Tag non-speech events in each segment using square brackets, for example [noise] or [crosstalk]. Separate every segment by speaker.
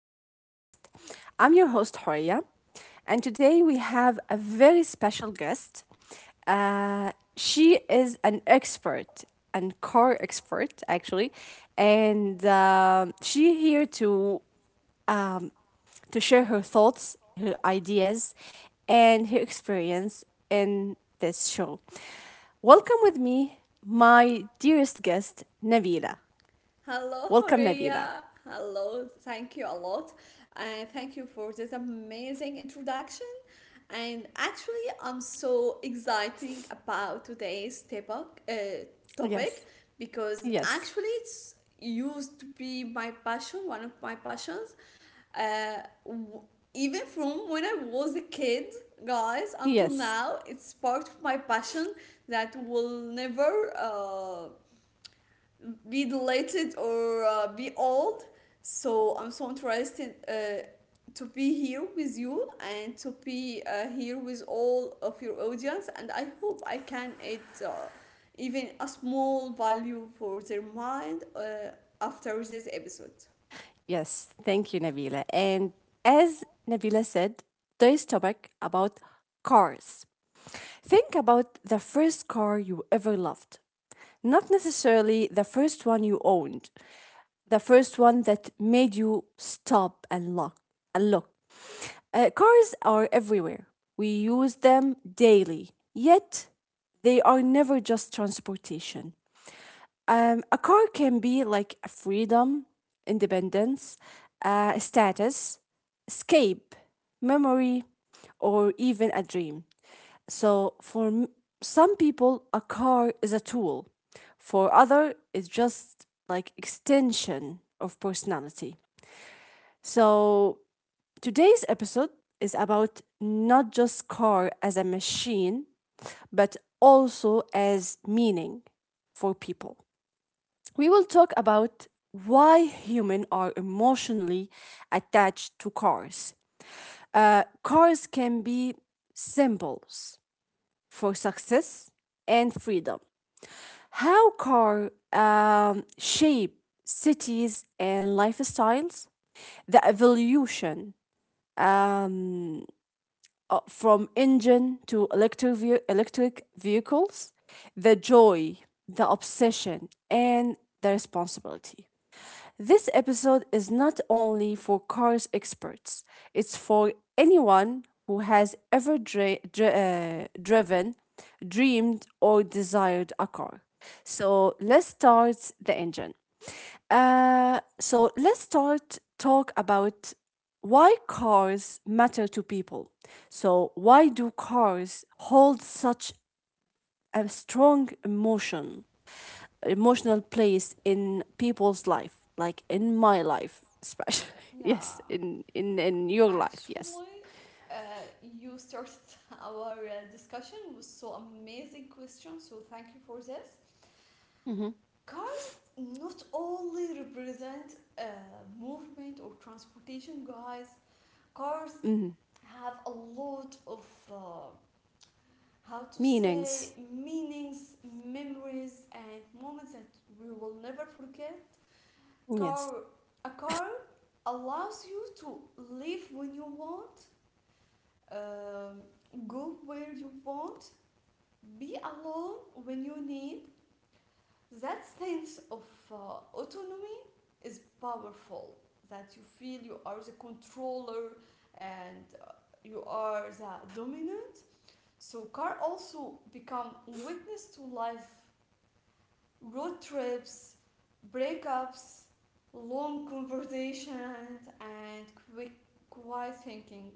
Speaker 1: podcast. I'm your host, Horia, and today we have a very special guest. She is an expert, an car expert, actually, and she here um, to share her thoughts, her ideas, and her experience in this show. Welcome with me, my dearest guest, Nabila.
Speaker 2: Hello,
Speaker 1: Welcome, Nabila.
Speaker 2: Horia. Hello. Thank you a lot. And thank you for this amazing introduction. And actually, I'm so exciting about today's topic, topic
Speaker 1: Yes.
Speaker 2: because
Speaker 1: Yes,
Speaker 2: actually it's used to be my passion, one of my passions. Uh, w- Even from when I was a kid, guys, until
Speaker 1: yes,
Speaker 2: now, it's part of my passion that will never be deleted or be old. So I'm so interested to be here with you and to be here with all of your audience. And I hope I can add even a small value for their mind after this episode.
Speaker 1: yes. Thank you, Nabila. And as Nabila said, today's topic about cars. Think about the first car you ever loved. Not necessarily the first one you owned, the first one that made you stop and look. Cars are everywhere. We use them daily. Yet they are never just transportation. A car can be like a freedom, independence, status, escape, memory, or even a dream. So for some people, a car is a tool. For other, it's just like extension of personality. So today's episode is about not just car as a machine, but also as meaning for people. We will talk about why humans are emotionally attached to cars. Cars can be symbols for success and freedom. How car shape cities and lifestyles, the evolution um, from engine to electric, electric vehicles, the joy, the obsession, and the responsibility. This episode is not only for cars experts, it's for anyone who has ever driven, dreamed, or desired a car. So let's start the engine. So let's start talk about why cars matter to people. So, why do cars hold such a emotional place in people's life, like in my life, especially? [laughs]
Speaker 2: Yeah,
Speaker 1: Yes, in your life, yes.
Speaker 2: actually, uh, you started [laughs] our discussion with so amazing questions, so thank you for this. Cars not only represent movement or transportation, guys. Cars
Speaker 1: Hmm.
Speaker 2: have a lot of how to say
Speaker 1: Meanings,
Speaker 2: meanings, memories, and moments that we will never forget. Car,
Speaker 1: yes.
Speaker 2: a car allows you to live when you want, um, go where you want, be alone when you need. That sense of uh, autonomy is powerful. That you feel you are the controller, and you are the dominant. So car also become witness to life, road trips, breakups, long conversations, and quick, quiet thinking.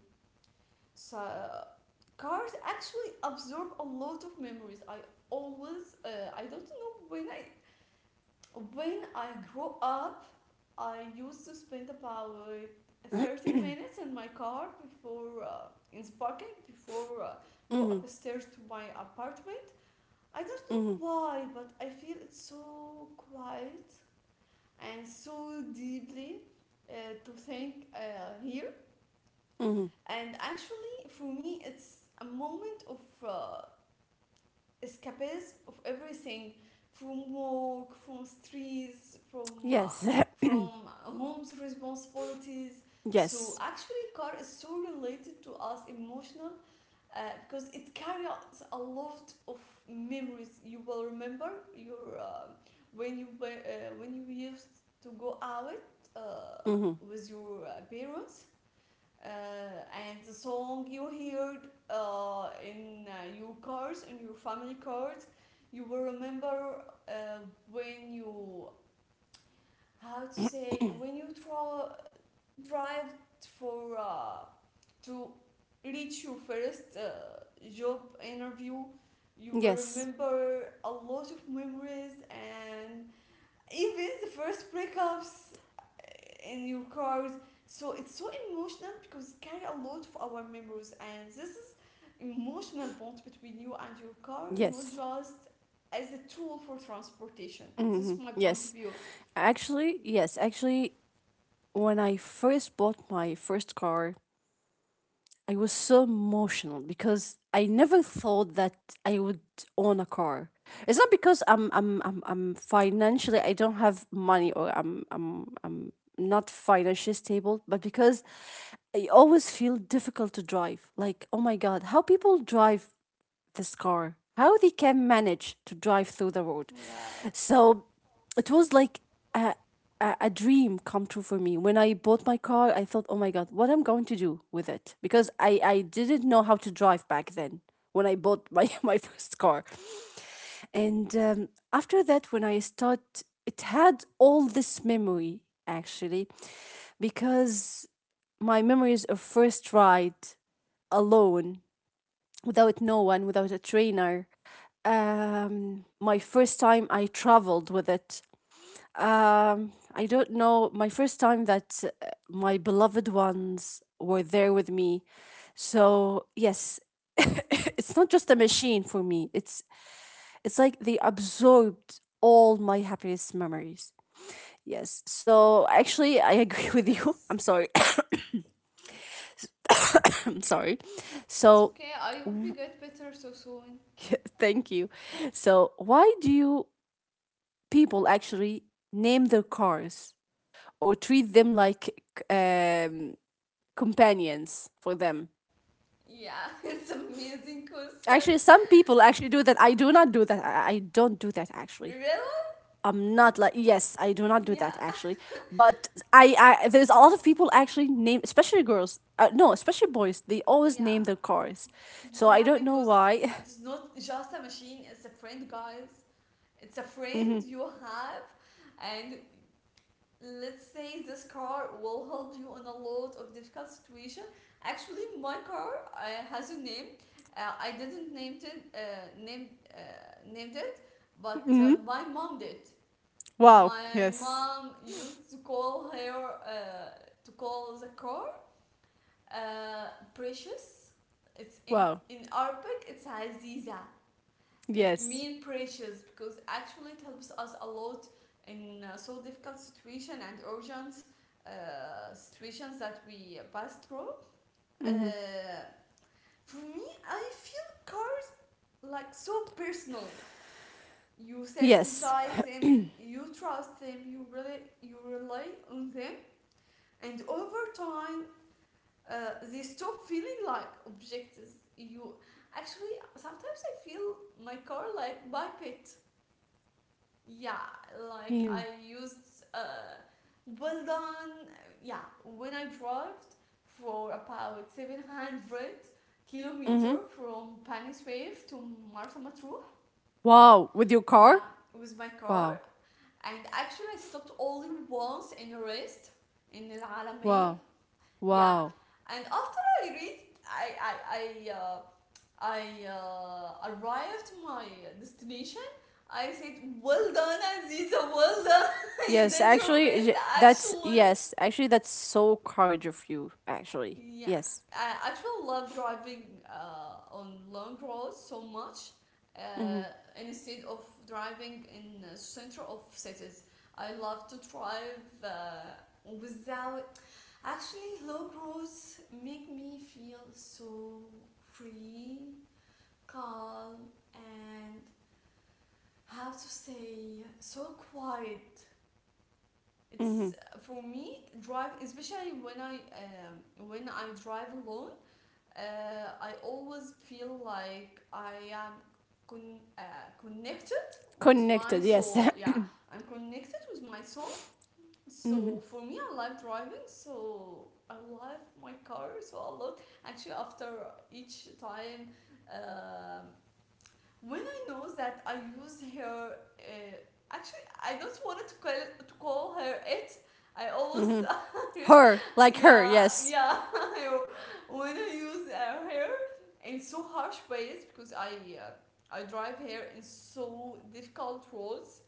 Speaker 2: So cars actually absorb a lot of memories. I always I don't know when I grow up I used to spend about 30 minutes in my car before in the parking before go
Speaker 1: Hmm.
Speaker 2: upstairs to my apartment. I don't
Speaker 1: Hmm.
Speaker 2: know why, but I feel it's so quiet and so deeply uh, to think here.
Speaker 1: Hmm.
Speaker 2: And actually, for me, it's a moment of uh, escapism of everything, from work, from streets, from uh,
Speaker 1: Yes. [coughs]
Speaker 2: from home's responsibilities.
Speaker 1: [clears throat]
Speaker 2: So
Speaker 1: Yes.
Speaker 2: actually, car is so related to us emotional uh, because it carries a lot of memories. You will remember your when you when you used to go out
Speaker 1: Hmm.
Speaker 2: with your parents uh, and the song you heard in your cars, in your family cars. You will remember uh, when you how to say when you tra- drive for to reach your first job interview. You will
Speaker 1: Yes,
Speaker 2: remember a lot of memories, and even the first breakups in your cars. So it's so emotional because it carry a lot of our memories, and this is emotional bond between you and your car, not
Speaker 1: yes.
Speaker 2: just as a tool for transportation. This
Speaker 1: Hmm.
Speaker 2: is my point
Speaker 1: Yes.
Speaker 2: of view.
Speaker 1: Actually, yes, actually, when I first bought my first car, I was so emotional because I never thought that I would own a car. It's not because I'm financially I don't have money or I'm not financially stable, but because I always feel difficult to drive. Like, oh my god, how people drive this car, how they can manage to drive through the road.
Speaker 2: Yeah.
Speaker 1: So it was like a, a dream come true for me when I bought my car. I thought, oh my god, what I'm going to do with it, because I didn't know how to drive back then when I bought my, [laughs] my first car. And after that when I start, it had all this memory, actually, because my memories of first ride alone, without no one, without a trainer. My first time I traveled with it. I don't know. My first time that my beloved ones were there with me. So yes, [laughs] it's not just a machine for me. It's like they absorbed all my happiest memories. Yes. So actually, I [laughs] agree with you.
Speaker 2: Yes.
Speaker 1: [laughs] I'm sorry. [coughs] I'm sorry.
Speaker 2: It's
Speaker 1: So
Speaker 2: okay. I hope you get better so soon.
Speaker 1: [laughs] thank you. So why do you people actually name their cars or treat them like um, companions for them?
Speaker 2: Yeah, [laughs] it's amazing question.
Speaker 1: Actually, some people actually do that. I do not do that. I don't do that actually.
Speaker 2: Really?
Speaker 1: I'm not like, yes, I do not do that
Speaker 2: Yeah.
Speaker 1: actually. But I there's a lot of people actually name, especially girls. No, especially boys. They always
Speaker 2: Yeah.
Speaker 1: name their cars. So I
Speaker 2: Yeah,
Speaker 1: don't know
Speaker 2: because
Speaker 1: why.
Speaker 2: it's not just a machine, it's a friend, guys. It's a
Speaker 1: [laughs] Hmm.
Speaker 2: friend you have, and let's say this car will help you in a lot of difficult situation. Actually, my car has a name. I didn't named it, named, named it, but
Speaker 1: Hmm.
Speaker 2: my mom did.
Speaker 1: Wow.
Speaker 2: My
Speaker 1: Yes.
Speaker 2: mom used to call her to call the car uh, precious. It's in
Speaker 1: Wow.
Speaker 2: in Arabic. It's Aziza, it
Speaker 1: Yes.
Speaker 2: mean precious because actually it helps us a lot in so difficult situation and urgent situations that we pass through. Uh,
Speaker 1: Hmm.
Speaker 2: for me, I feel cars like so personal. You sit
Speaker 1: Yes.
Speaker 2: inside them, you trust them, you really you rely on them, and over time uh, they stop feeling like objects. You actually sometimes I feel my car like my pet. Yeah like
Speaker 1: Mm-hmm.
Speaker 2: I used well done. Yeah, when I drove for about 700-kilometer
Speaker 1: Mm-hmm.
Speaker 2: from Paniswave to Marsa Matruh.
Speaker 1: Wow. With your car.
Speaker 2: Yeah, with my
Speaker 1: Wow.
Speaker 2: car. And actually I stopped only once in rest in Al Alamein.
Speaker 1: Wow.
Speaker 2: Yeah,
Speaker 1: Wow.
Speaker 2: and after I reached, I arrived my destination. I said, "Well done, Aziza. Well done. [laughs] You
Speaker 1: Yes,
Speaker 2: did your
Speaker 1: actually,
Speaker 2: best,
Speaker 1: that's,
Speaker 2: actually."
Speaker 1: yes. Actually, that's so courage of you. Actually,
Speaker 2: Yeah,
Speaker 1: yes.
Speaker 2: I actually love driving on long roads so much uh,
Speaker 1: Mm-hmm.
Speaker 2: instead of driving in the center of cities. I love to drive without. Actually, long roads make me feel so free, calm, and how to say so quiet.
Speaker 1: Mm-hmm.
Speaker 2: It's for me drive, especially when I when I drive alone I always feel like I am con- uh, connected with
Speaker 1: Connected.
Speaker 2: my
Speaker 1: Yes. [coughs] [clears throat]
Speaker 2: soul.
Speaker 1: Mm-hmm.
Speaker 2: Yeah, I'm connected with my soul. So for me I love driving, so I love my car so a lot. Actually, after each time, um when I know that I use her, actually, I don't want to call her it. I always,
Speaker 1: Mm-hmm.
Speaker 2: [laughs]
Speaker 1: Her, like her.
Speaker 2: yeah,
Speaker 1: Yes.
Speaker 2: yeah. [laughs] When I use her in so harsh ways because uh, I drive her in so difficult roads.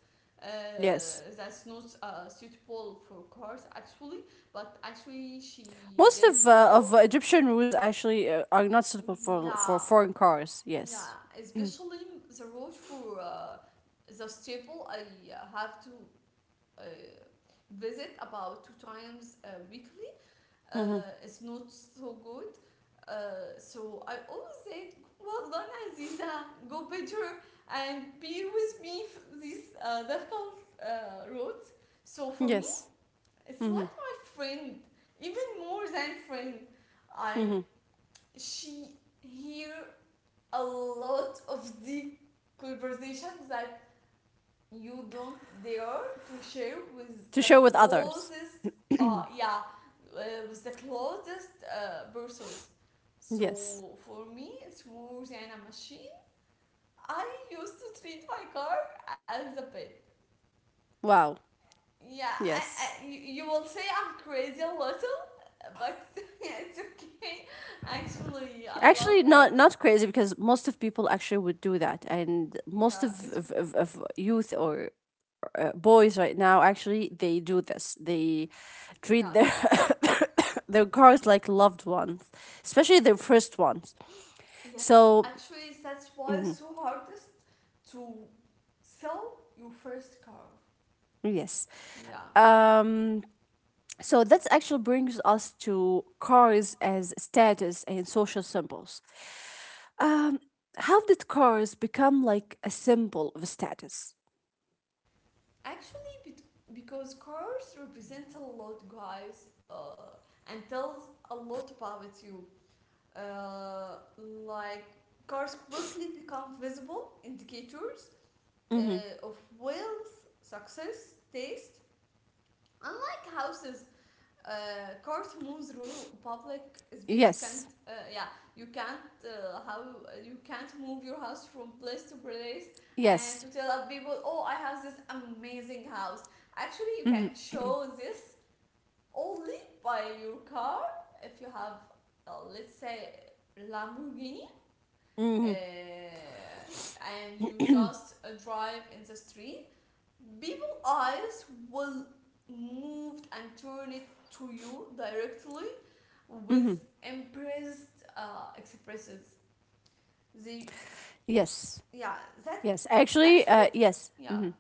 Speaker 2: Uh,
Speaker 1: Yes.
Speaker 2: that's not suitable for cars actually, but actually she
Speaker 1: Most
Speaker 2: did
Speaker 1: of uh, of
Speaker 2: well.
Speaker 1: uh, Egyptian rules actually are not suitable for
Speaker 2: Yeah,
Speaker 1: foreign cars.
Speaker 2: yeah,
Speaker 1: Yes.
Speaker 2: especially the road for the staple I have to uh, visit about two times weekly.
Speaker 1: Mm-hmm.
Speaker 2: It's not so good. So I always said, well done Aziza, go better and be with me this difficult road. So for me,
Speaker 1: Yes.
Speaker 2: it's
Speaker 1: Mm-hmm.
Speaker 2: like my friend, even more than friend. I
Speaker 1: Mm-hmm.
Speaker 2: She here a lot of deep conversations that you don't dare to share with
Speaker 1: To
Speaker 2: the
Speaker 1: share with others.
Speaker 2: closest, yeah, uh, with the closest persons.
Speaker 1: Yes.
Speaker 2: So for me it's more than a machine. I used to treat my car as a pet.
Speaker 1: Wow.
Speaker 2: Yeah,
Speaker 1: Yes.
Speaker 2: I you will say I'm crazy a little, but [laughs] yeah, it's okay, actually I love
Speaker 1: Actually,
Speaker 2: her.
Speaker 1: not crazy because most of people actually would do that, and most
Speaker 2: Yeah,
Speaker 1: of
Speaker 2: it's,
Speaker 1: of, of, of youth or boys right now actually they do this. They treat their
Speaker 2: yes.
Speaker 1: [coughs] their cars like loved ones, especially their first ones.
Speaker 2: Yes,
Speaker 1: So
Speaker 2: actually, that's why
Speaker 1: mhm,
Speaker 2: it's so hardest to sell your first car.
Speaker 1: yes,
Speaker 2: Yeah,
Speaker 1: um, that actually brings us to cars as status and social symbols. Um, how did cars become like a symbol of status?
Speaker 2: actually, because cars represent a lot, guys, and tells a lot about you. Like cars quickly become visible indicators
Speaker 1: Hmm.
Speaker 2: of wealth, success, taste. Unlike houses, court moves rule public space, you can't
Speaker 1: Yes.
Speaker 2: yeah, you can't move your house from place to place and
Speaker 1: Yes.
Speaker 2: to tell other people, oh I have this amazing house. Actually, you
Speaker 1: Mhm.
Speaker 2: can show this only by your car. If you have, let's say, Lamborghini,
Speaker 1: Mhm.
Speaker 2: uh, and you just drive in the street, people eyes will moved and turn it to you directly with
Speaker 1: Mhm.
Speaker 2: impressed expressions. They,
Speaker 1: Yes.
Speaker 2: yeah, that
Speaker 1: Yes. Actually,
Speaker 2: actually,
Speaker 1: yes.
Speaker 2: yeah,
Speaker 1: Mhm.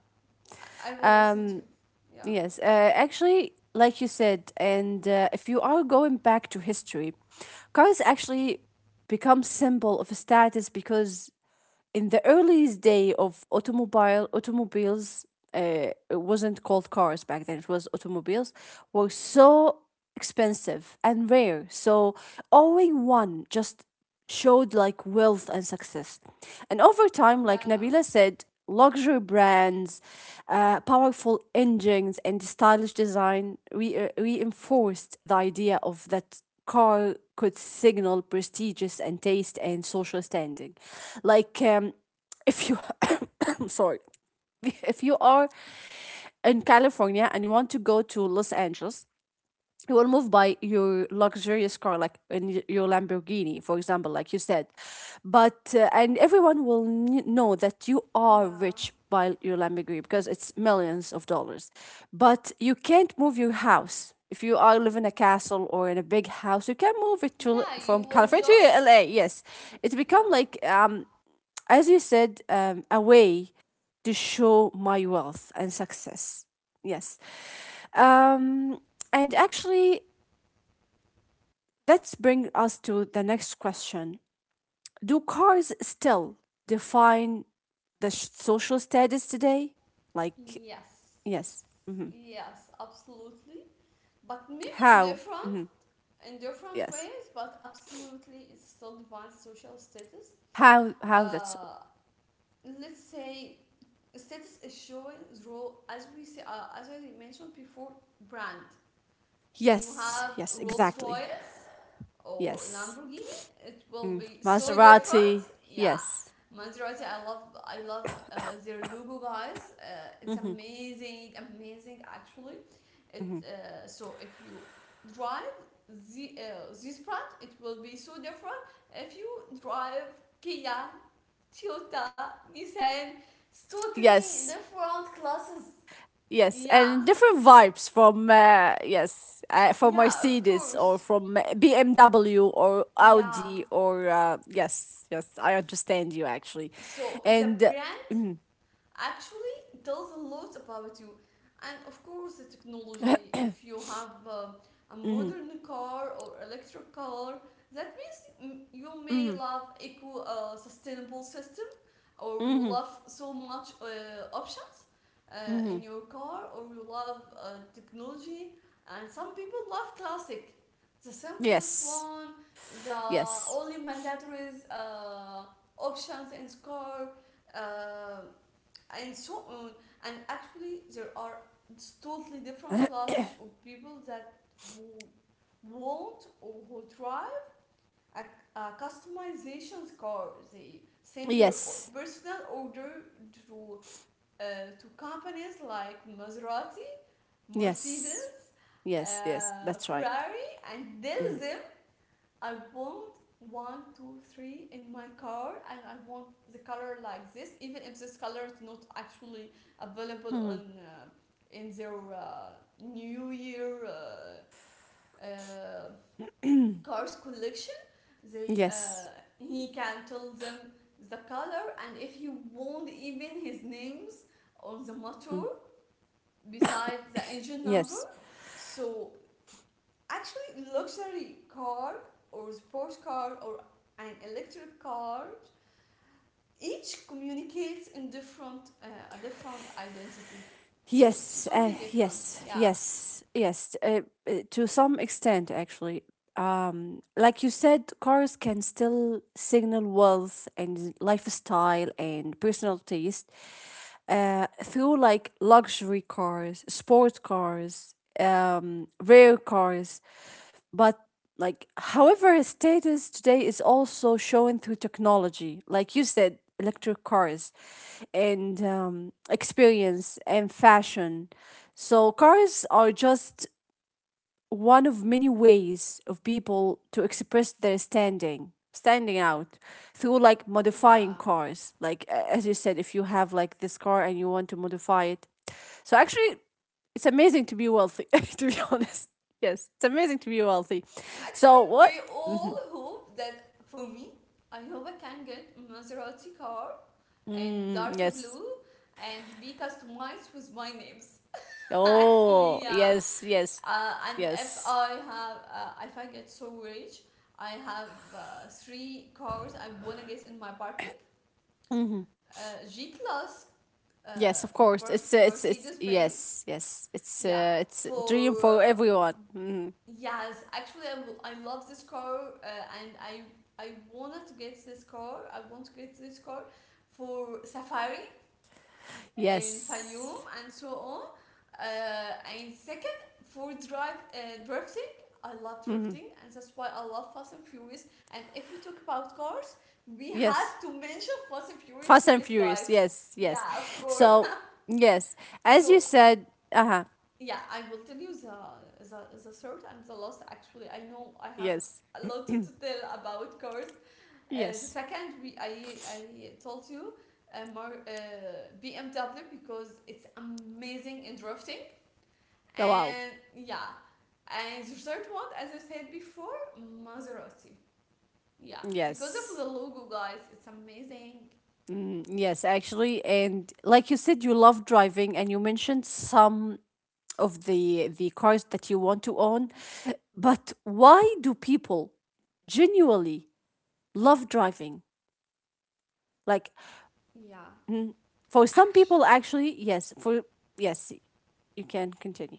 Speaker 2: I will listen to.
Speaker 1: Um,
Speaker 2: Yeah,
Speaker 1: yes. Actually, like you said, and if you are going back to history, cars actually become symbol of status because in the earliest day of automobiles, it wasn't called cars back then, it was automobiles, were so expensive and rare. So owning one just showed like wealth and success, and over time, like
Speaker 2: yeah,
Speaker 1: Nabila said, luxury brands, powerful engines and stylish design reinforced the idea of that car could signal prestigious and taste and social standing. Like, if you, [coughs] sorry, if you are in California and you want to go to Los Angeles, you will move by your luxurious car, like in your Lamborghini, for example, like you said. But and everyone will know that you are
Speaker 2: yeah,
Speaker 1: rich by your Lamborghini because it's millions of dollars. But you can't move your house. If you are live in a castle or in a big house, you can move it to,
Speaker 2: yeah. You
Speaker 1: from
Speaker 2: will
Speaker 1: California
Speaker 2: just,
Speaker 1: to LA. Yes, it
Speaker 2: yeah,
Speaker 1: become like, as you said, a way to show my wealth and success. Yes. um and actually, let's bring us to the next question. Do cars still define the social status today? Like,
Speaker 2: yes,
Speaker 1: yes. Hmm.
Speaker 2: yes, absolutely. But maybe
Speaker 1: How?
Speaker 2: different
Speaker 1: Hmm.
Speaker 2: in different
Speaker 1: Yes.
Speaker 2: ways, but absolutely, it still defines social status.
Speaker 1: How? How that's. So,
Speaker 2: Uh, let's say status is showing through, as we say, as I mentioned before, brand. When you
Speaker 1: yes.
Speaker 2: have
Speaker 1: Yes,
Speaker 2: Rolls
Speaker 1: exactly.
Speaker 2: Royce or
Speaker 1: Yes.
Speaker 2: Lamborghini, it will
Speaker 1: Mm.
Speaker 2: be so different.
Speaker 1: Maserati.
Speaker 2: Yeah,
Speaker 1: Yes.
Speaker 2: Maserati, I love their logo, guys. It's amazing, amazing actually. It
Speaker 1: Hmm.
Speaker 2: So if you drive the this brand, it will be so different. If you drive Kia, Toyota, Nissan, it's totally
Speaker 1: Yes.
Speaker 2: different classes.
Speaker 1: Yes,
Speaker 2: Yeah,
Speaker 1: and different vibes from, yes, from
Speaker 2: yeah, of
Speaker 1: Mercedes
Speaker 2: course.
Speaker 1: or from BMW or
Speaker 2: Yeah,
Speaker 1: Audi or, yes, yes, I understand you actually,
Speaker 2: so the
Speaker 1: and
Speaker 2: brand actually tells a lot about you, and of course the technology. If you have a
Speaker 1: mm,
Speaker 2: modern car or electric car, that means you may
Speaker 1: mm,
Speaker 2: love eco sustainable system, or you
Speaker 1: mm,
Speaker 2: love so much options uh, in
Speaker 1: mm,
Speaker 2: your car, or you love technology. And some people love classic, the simplest
Speaker 1: yes,
Speaker 2: one, the
Speaker 1: yes,
Speaker 2: only mandatory options in car, uh, and so on. And actually there are totally different classes of people that who want or who try a, a customization score. They sends their
Speaker 1: yes,
Speaker 2: personal order to uh, to companies like Maserati,
Speaker 1: yes,
Speaker 2: Mercedes,
Speaker 1: yes, yes, that's right.
Speaker 2: Ferrari, and tell
Speaker 1: Mm-hmm.
Speaker 2: them I want one, two, three in my car, and I want the color like this, even if this color is not actually available on
Speaker 1: Mm.
Speaker 2: in their New Year uh, cars collection. They
Speaker 1: Yes,
Speaker 2: He can tell them the color, and if he won't, even his names on the motor
Speaker 1: mm,
Speaker 2: besides the engine number.
Speaker 1: yes.
Speaker 2: So actually luxury car or sports car or an electric car each communicates in different a different identity. So it's
Speaker 1: Yes,
Speaker 2: totally different.
Speaker 1: yes,
Speaker 2: Yeah,
Speaker 1: yes, yes. To some extent, actually. Like you said, cars can still signal wealth and lifestyle and personal taste, through like luxury cars, sport cars, rare cars, but like, however, his status today is also shown through technology, like you said, electric cars, and, experience and fashion. So cars are just one of many ways of people to express their standing out through like modifying
Speaker 2: yeah.
Speaker 1: cars, like, as you said, if you have like this car and you want to modify it. So actually, it's amazing to be wealthy, [laughs] to be honest. Yes, it's amazing to be wealthy.
Speaker 2: Actually,
Speaker 1: So what?
Speaker 2: we all hope that. For me, I hope I can get Maserati car and dark
Speaker 1: Yes.
Speaker 2: blue and be customized with my names. [laughs]
Speaker 1: Oh,
Speaker 2: Actually, yeah.
Speaker 1: yes, yes,
Speaker 2: And if
Speaker 1: yes,
Speaker 2: I have, if I get so rich, I have three cars I wanna get in my parking. G class
Speaker 1: yes. of
Speaker 2: from
Speaker 1: course, it's
Speaker 2: Mercedes Benz.
Speaker 1: yes, yes, it's,
Speaker 2: Yeah,
Speaker 1: it's a
Speaker 2: for
Speaker 1: dream for
Speaker 2: uh,
Speaker 1: everyone. Mhm.
Speaker 2: yes, actually, I, I love this car, and I wanted to get this car. I want to get this car for safari in
Speaker 1: Yes.
Speaker 2: Fayoum and so on. And second, for drive drifting. I love
Speaker 1: Mhm.
Speaker 2: drifting, and that's why I love Fast and Furious. And if we talk about cars, we have
Speaker 1: Yes.
Speaker 2: to mention Fast and Furious
Speaker 1: Fast and
Speaker 2: series,
Speaker 1: Furious.
Speaker 2: guys.
Speaker 1: Yes, yes.
Speaker 2: Yeah, of course.
Speaker 1: So, yes, as you
Speaker 2: So
Speaker 1: said, uh-huh.
Speaker 2: yeah, I will tell you the, third and the last. Actually, I know I have
Speaker 1: Yes.
Speaker 2: a lot to tell about cars. The
Speaker 1: Yes.
Speaker 2: second, I told you, BMW because it's amazing in drifting.
Speaker 1: Oh, wow.
Speaker 2: And yeah, and the third one, as I said before, Maserati. Yeah, because of the
Speaker 1: Yes.
Speaker 2: logo, guys, it's amazing.
Speaker 1: Mm, yes, actually, and like you said, you love driving and you mentioned some of the cars that you want to own. But why do people genuinely love driving? Like,
Speaker 2: Yeah,
Speaker 1: mm, for some people,
Speaker 2: actually.
Speaker 1: actually, yes, for, yes, you can continue.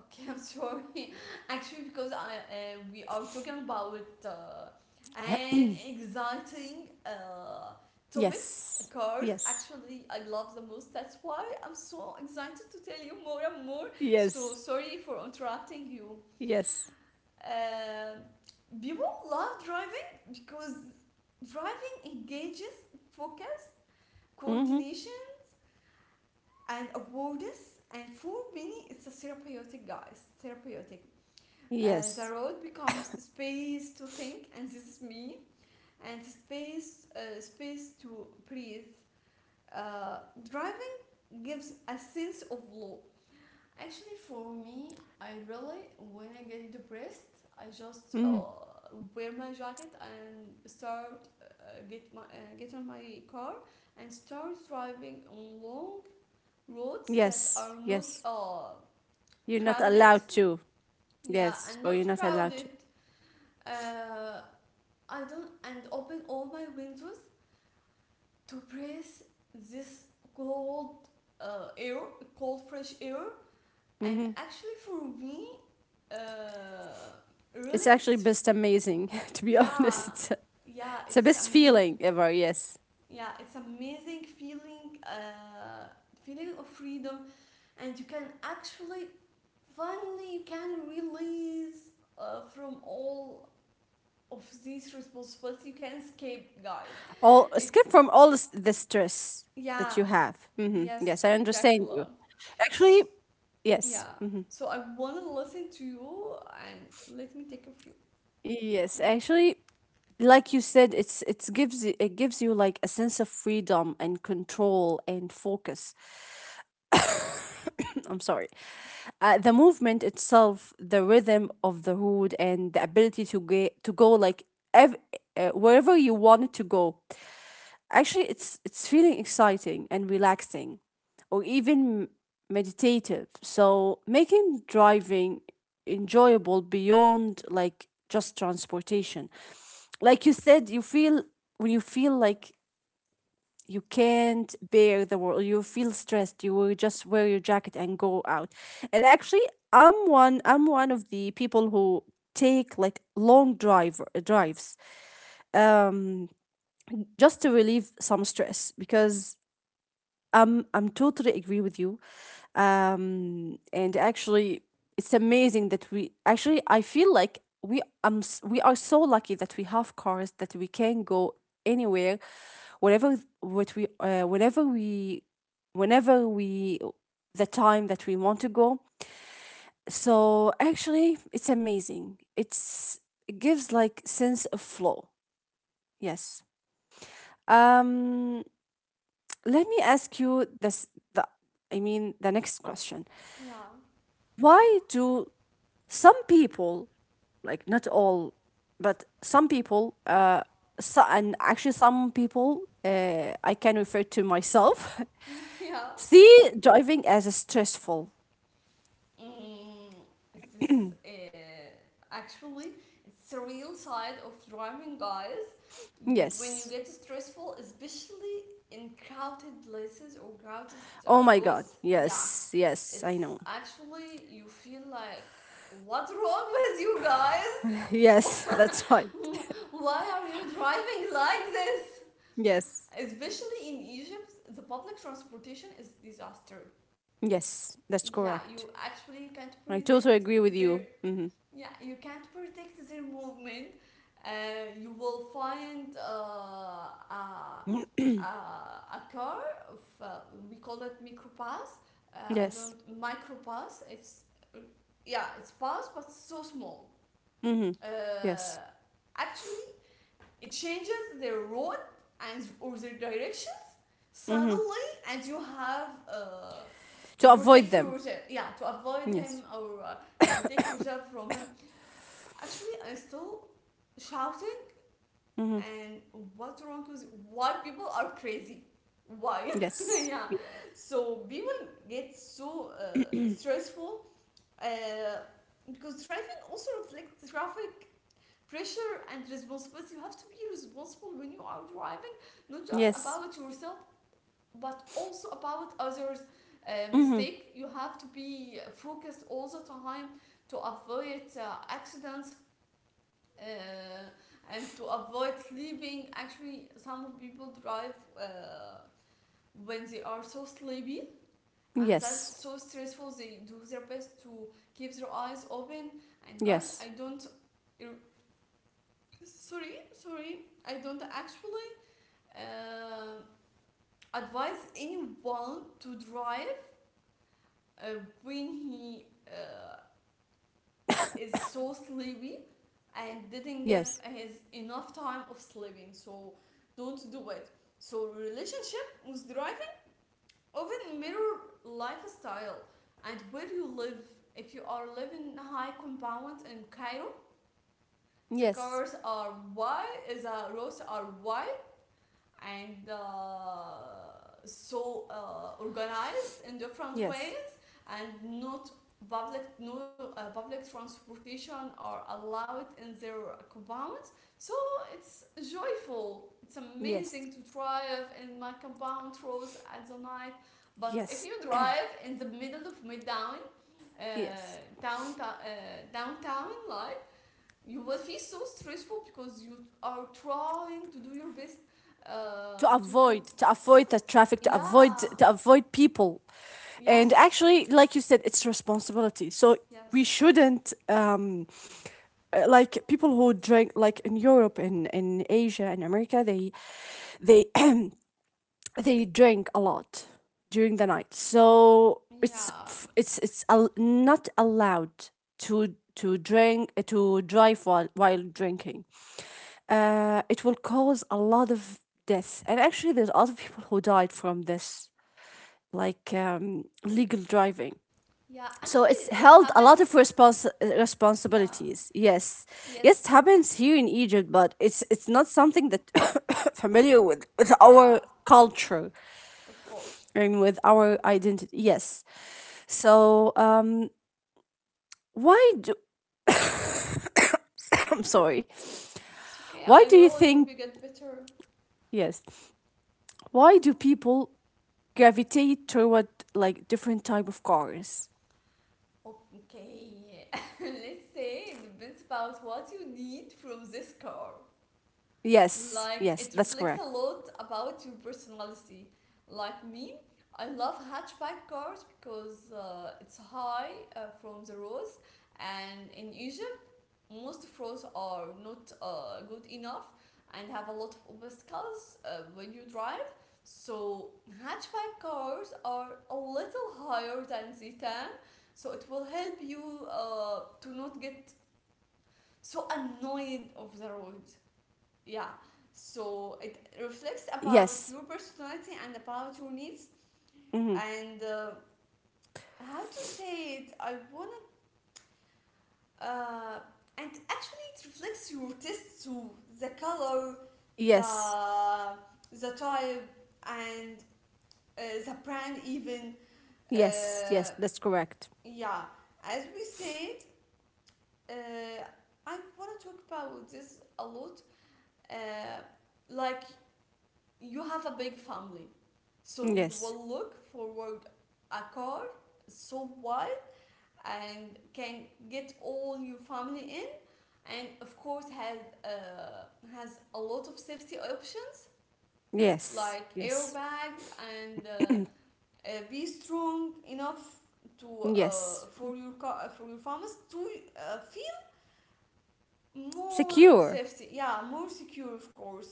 Speaker 2: Okay, I'm sorry. [laughs] Actually, because I we are talking about uh, an
Speaker 1: [clears throat]
Speaker 2: exciting topic,
Speaker 1: Yes.
Speaker 2: cars.
Speaker 1: Yes.
Speaker 2: Actually, I love the most. That's why I'm so excited to tell you more and more. So
Speaker 1: Yes.
Speaker 2: sorry for interrupting you.
Speaker 1: Yes.
Speaker 2: Um People love driving because driving engages focus,
Speaker 1: Mm-hmm.
Speaker 2: coordination, and awareness. And for many, it's a therapeutic, guys. Therapeutic. The
Speaker 1: Yes.
Speaker 2: road becomes space to think, and this is me, and space, space to breathe. Uh, Driving gives a sense of law. Actually, for me, I really, when I get depressed, I just
Speaker 1: Mm-hmm.
Speaker 2: wear my jacket and start get my get on my car and start driving on long roads that
Speaker 1: Yes.
Speaker 2: are not
Speaker 1: Yes. You're not
Speaker 2: crowded.
Speaker 1: allowed to.
Speaker 2: Yeah,
Speaker 1: Yes.
Speaker 2: and
Speaker 1: Or you're
Speaker 2: not
Speaker 1: not allowed
Speaker 2: crowded.
Speaker 1: to.
Speaker 2: Uh, I don't and open all my windows to breathe this cold air, cold fresh air. And
Speaker 1: Mm-hmm.
Speaker 2: actually, for me, uh, really,
Speaker 1: It's actually
Speaker 2: it's
Speaker 1: best amazing, [laughs] to be
Speaker 2: yeah,
Speaker 1: honest.
Speaker 2: yeah,
Speaker 1: It's the
Speaker 2: it's
Speaker 1: best
Speaker 2: amazing.
Speaker 1: feeling ever. Yes.
Speaker 2: Yeah, it's amazing feeling, feeling of freedom, and you can actually finally you can release from all of these responsibilities. You can escape, guys.
Speaker 1: All
Speaker 2: It
Speaker 1: escape from all the stress that
Speaker 2: yeah.
Speaker 1: you have. Mm-hmm.
Speaker 2: Yes,
Speaker 1: Yes, I understand
Speaker 2: exactly.
Speaker 1: you. Actually,
Speaker 2: So,
Speaker 1: yes.
Speaker 2: yeah.
Speaker 1: Mm-hmm.
Speaker 2: So I want to listen to you and let me take a few.
Speaker 1: Yes,
Speaker 2: Yeah.
Speaker 1: actually, like you said, it gives, it gives you like a sense of freedom and control and focus. I'm sorry. The movement itself, the rhythm of the hood, and the ability to get to go like, ev- wherever you want it to go. Actually, it's feeling exciting and relaxing, or even meditative. So making driving enjoyable beyond like just transportation. Like you said, you feel when you feel like you can't bear the world, you feel stressed, you will just wear your jacket and go out. And actually, I'm one of the people who take like long drives just to relieve some stress, because I'm totally agree with you. And actually, it's amazing that we actually, I feel like we are so lucky that we have cars that we can go anywhere, whatever what we, whatever we, whenever we, the time that we want to go. So actually, it's amazing, it gives like sense of flow. Yes. um Let me ask you this, the I mean the next question,
Speaker 2: Yeah.
Speaker 1: why do some people, like, not all, but some people, so, and actually some people, I can refer to myself. [laughs]
Speaker 2: [laughs] yeah.
Speaker 1: See driving as stressful.
Speaker 2: Mm, this actually it's the real side of driving, guys. You, when you
Speaker 1: Yes.
Speaker 2: get stressful, especially in crowded places or crowded
Speaker 1: Oh my god.
Speaker 2: roads. Yeah.
Speaker 1: Yes. Yes, I know.
Speaker 2: It's actually you feel like what's wrong with you
Speaker 1: [laughs] Yes,
Speaker 2: guys?
Speaker 1: that's
Speaker 2: [laughs]
Speaker 1: right. [laughs]
Speaker 2: Why are you driving like this?
Speaker 1: Yes.
Speaker 2: Especially in Egypt, the public transportation is disaster.
Speaker 1: Yes, that's
Speaker 2: Yeah,
Speaker 1: correct.
Speaker 2: you actually can't
Speaker 1: I totally
Speaker 2: predict
Speaker 1: agree with
Speaker 2: their
Speaker 1: you. Mm-hmm.
Speaker 2: yeah, you can't predict their movement. You will find a car of we call it microbus. I
Speaker 1: Yes.
Speaker 2: don't microbus. It's yeah, it's pass, but so small.
Speaker 1: Mm-hmm.
Speaker 2: Uh,
Speaker 1: Yes.
Speaker 2: Actually, it changes their road and or their direction
Speaker 1: Mm-hmm.
Speaker 2: suddenly, and you have
Speaker 1: To
Speaker 2: to
Speaker 1: avoid
Speaker 2: protect
Speaker 1: them.
Speaker 2: yourself. Yeah, to avoid
Speaker 1: Yes.
Speaker 2: him or to protect yourself from him. Actually, I'm still shouting,
Speaker 1: Mm-hmm.
Speaker 2: and what's wrong with why people are crazy? Why? [laughs]
Speaker 1: Yes.
Speaker 2: yeah.
Speaker 1: Y-
Speaker 2: So people get so stressful uh, because driving also reflects traffic pressure and responsibility. You have to be responsible when you are driving, not just
Speaker 1: Yes.
Speaker 2: about yourself, but also about others'
Speaker 1: Mm-hmm.
Speaker 2: mistake. You have to be focused all the time to avoid accidents uh, and to avoid sleeping. Actually, some people drive uh, when they are so sleepy and
Speaker 1: Yes.
Speaker 2: that's so stressful. They do their best to keep their eyes open. And guys,
Speaker 1: Yes.
Speaker 2: I don't er, sorry, I don't actually uh, advise anyone to drive when he is so sleepy and didn't give
Speaker 1: Yes.
Speaker 2: his enough time of sleeping. So don't do it. So relationship with driving often mirror lifestyle and where you live. If you are living in high compound in Cairo, the
Speaker 1: Yes.
Speaker 2: cars are white, the roads are white, and so organized in different
Speaker 1: Yes.
Speaker 2: ways, and not public, no public transportation are allowed in their compounds. So it's joyful, it's amazing to
Speaker 1: Yes.
Speaker 2: drive in my compound roads at the night. But if you
Speaker 1: Yes.
Speaker 2: drive
Speaker 1: [clears throat]
Speaker 2: in the middle of midtown uh,
Speaker 1: Yes.
Speaker 2: downtown, downtown like you will feel so stressful because you are trying to do your best
Speaker 1: to
Speaker 2: to recover.
Speaker 1: avoid to avoid the traffic, to avoid
Speaker 2: Yeah.
Speaker 1: to avoid people. And
Speaker 2: Yes.
Speaker 1: actually, like you said, it's responsibility. So we
Speaker 2: Yes.
Speaker 1: shouldn't like, people who drink, like in Europe and in Asia and America, they [clears throat] they drink a lot during the night. so it's
Speaker 2: Yeah.
Speaker 1: f- it's it's al- not allowed to drink to drive while drinking. It will cause a lot of death, and actually there's a lot of people who died from this, like legal driving.
Speaker 2: Yeah.
Speaker 1: So it's
Speaker 2: Actually, it
Speaker 1: held a lot of
Speaker 2: happens. Yeah.
Speaker 1: responsibilities. Yes.
Speaker 2: Yes.
Speaker 1: Yes, it happens here in Egypt, but it's not something that [coughs] familiar with
Speaker 2: Yeah.
Speaker 1: our culture
Speaker 2: Of course.
Speaker 1: and with our identity. Yes. So, why do [coughs] I'm sorry.
Speaker 2: It's okay.
Speaker 1: Why
Speaker 2: I
Speaker 1: do you
Speaker 2: really hope you
Speaker 1: think,
Speaker 2: get better.
Speaker 1: yes? Why do people gravitate toward, like, different type of cars?
Speaker 2: Okay. [laughs] Let's say it depends about what you need from this car.
Speaker 1: Yes.
Speaker 2: Like it
Speaker 1: Yes, that's
Speaker 2: reflects a
Speaker 1: correct.
Speaker 2: lot about your personality. Like me, I love hatchback cars because it's high from the roads, and in Egypt, most of roads are not good enough and have a lot of obstacles when you drive. So hatchback cars are a little higher than Zetan, so it will help you to not get so annoyed of the road, yeah. So it reflects
Speaker 1: [coughs]
Speaker 2: about
Speaker 1: Yes.
Speaker 2: your personality and about your needs
Speaker 1: Hmm.
Speaker 2: and how to say it. I want to and actually it reflects your taste too: the color,
Speaker 1: Yes.
Speaker 2: the the type, and the brand even, uh,
Speaker 1: Yes. Yes, that's correct.
Speaker 2: yeah. As we said, uh, I want to talk about this a lot, uh, like you have a big family, so you
Speaker 1: Yes.
Speaker 2: will look forward a car so wide and can get all your family in, and of course uh, has a lot of safety options
Speaker 1: Yes.
Speaker 2: like
Speaker 1: Yes.
Speaker 2: airbags and be strong enough to
Speaker 1: Yes.
Speaker 2: for your car for your farmers to feel more
Speaker 1: Secure.
Speaker 2: safety, yeah, more secure of course.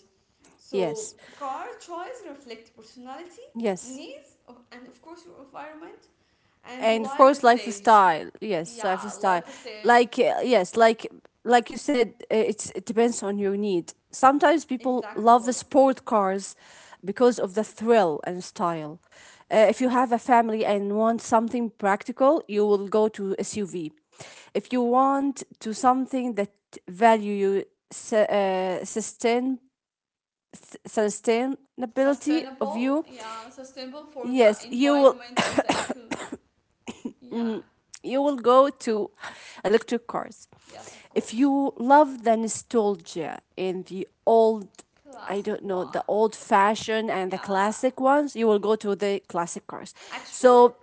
Speaker 2: So
Speaker 1: Yes.
Speaker 2: car choice reflect personality
Speaker 1: Yes.
Speaker 2: needs of- and of course your environment and
Speaker 1: And of
Speaker 2: life
Speaker 1: course,
Speaker 2: stage,
Speaker 1: lifestyle, yes,
Speaker 2: yeah
Speaker 1: lifestyle.
Speaker 2: life stage
Speaker 1: Like yes, like you said, it's, it depends on your need. Sometimes people
Speaker 2: exactly.
Speaker 1: love the sport cars because of the thrill and style. If you have a family and want something practical, you will go to SUV. If you want to something that value you, sustain, sustainability of
Speaker 2: Sustainable,
Speaker 1: you.
Speaker 2: yeah, sustainable for the
Speaker 1: Yes, you will,
Speaker 2: environment and the eco, yeah,
Speaker 1: you will go to electric cars.
Speaker 2: yes, of
Speaker 1: If
Speaker 2: course.
Speaker 1: you love the nostalgia in the old, I
Speaker 2: Classic
Speaker 1: don't know, the
Speaker 2: one,
Speaker 1: old fashioned and the
Speaker 2: yeah,
Speaker 1: classic ones, you will go to the classic cars.
Speaker 2: actually,
Speaker 1: So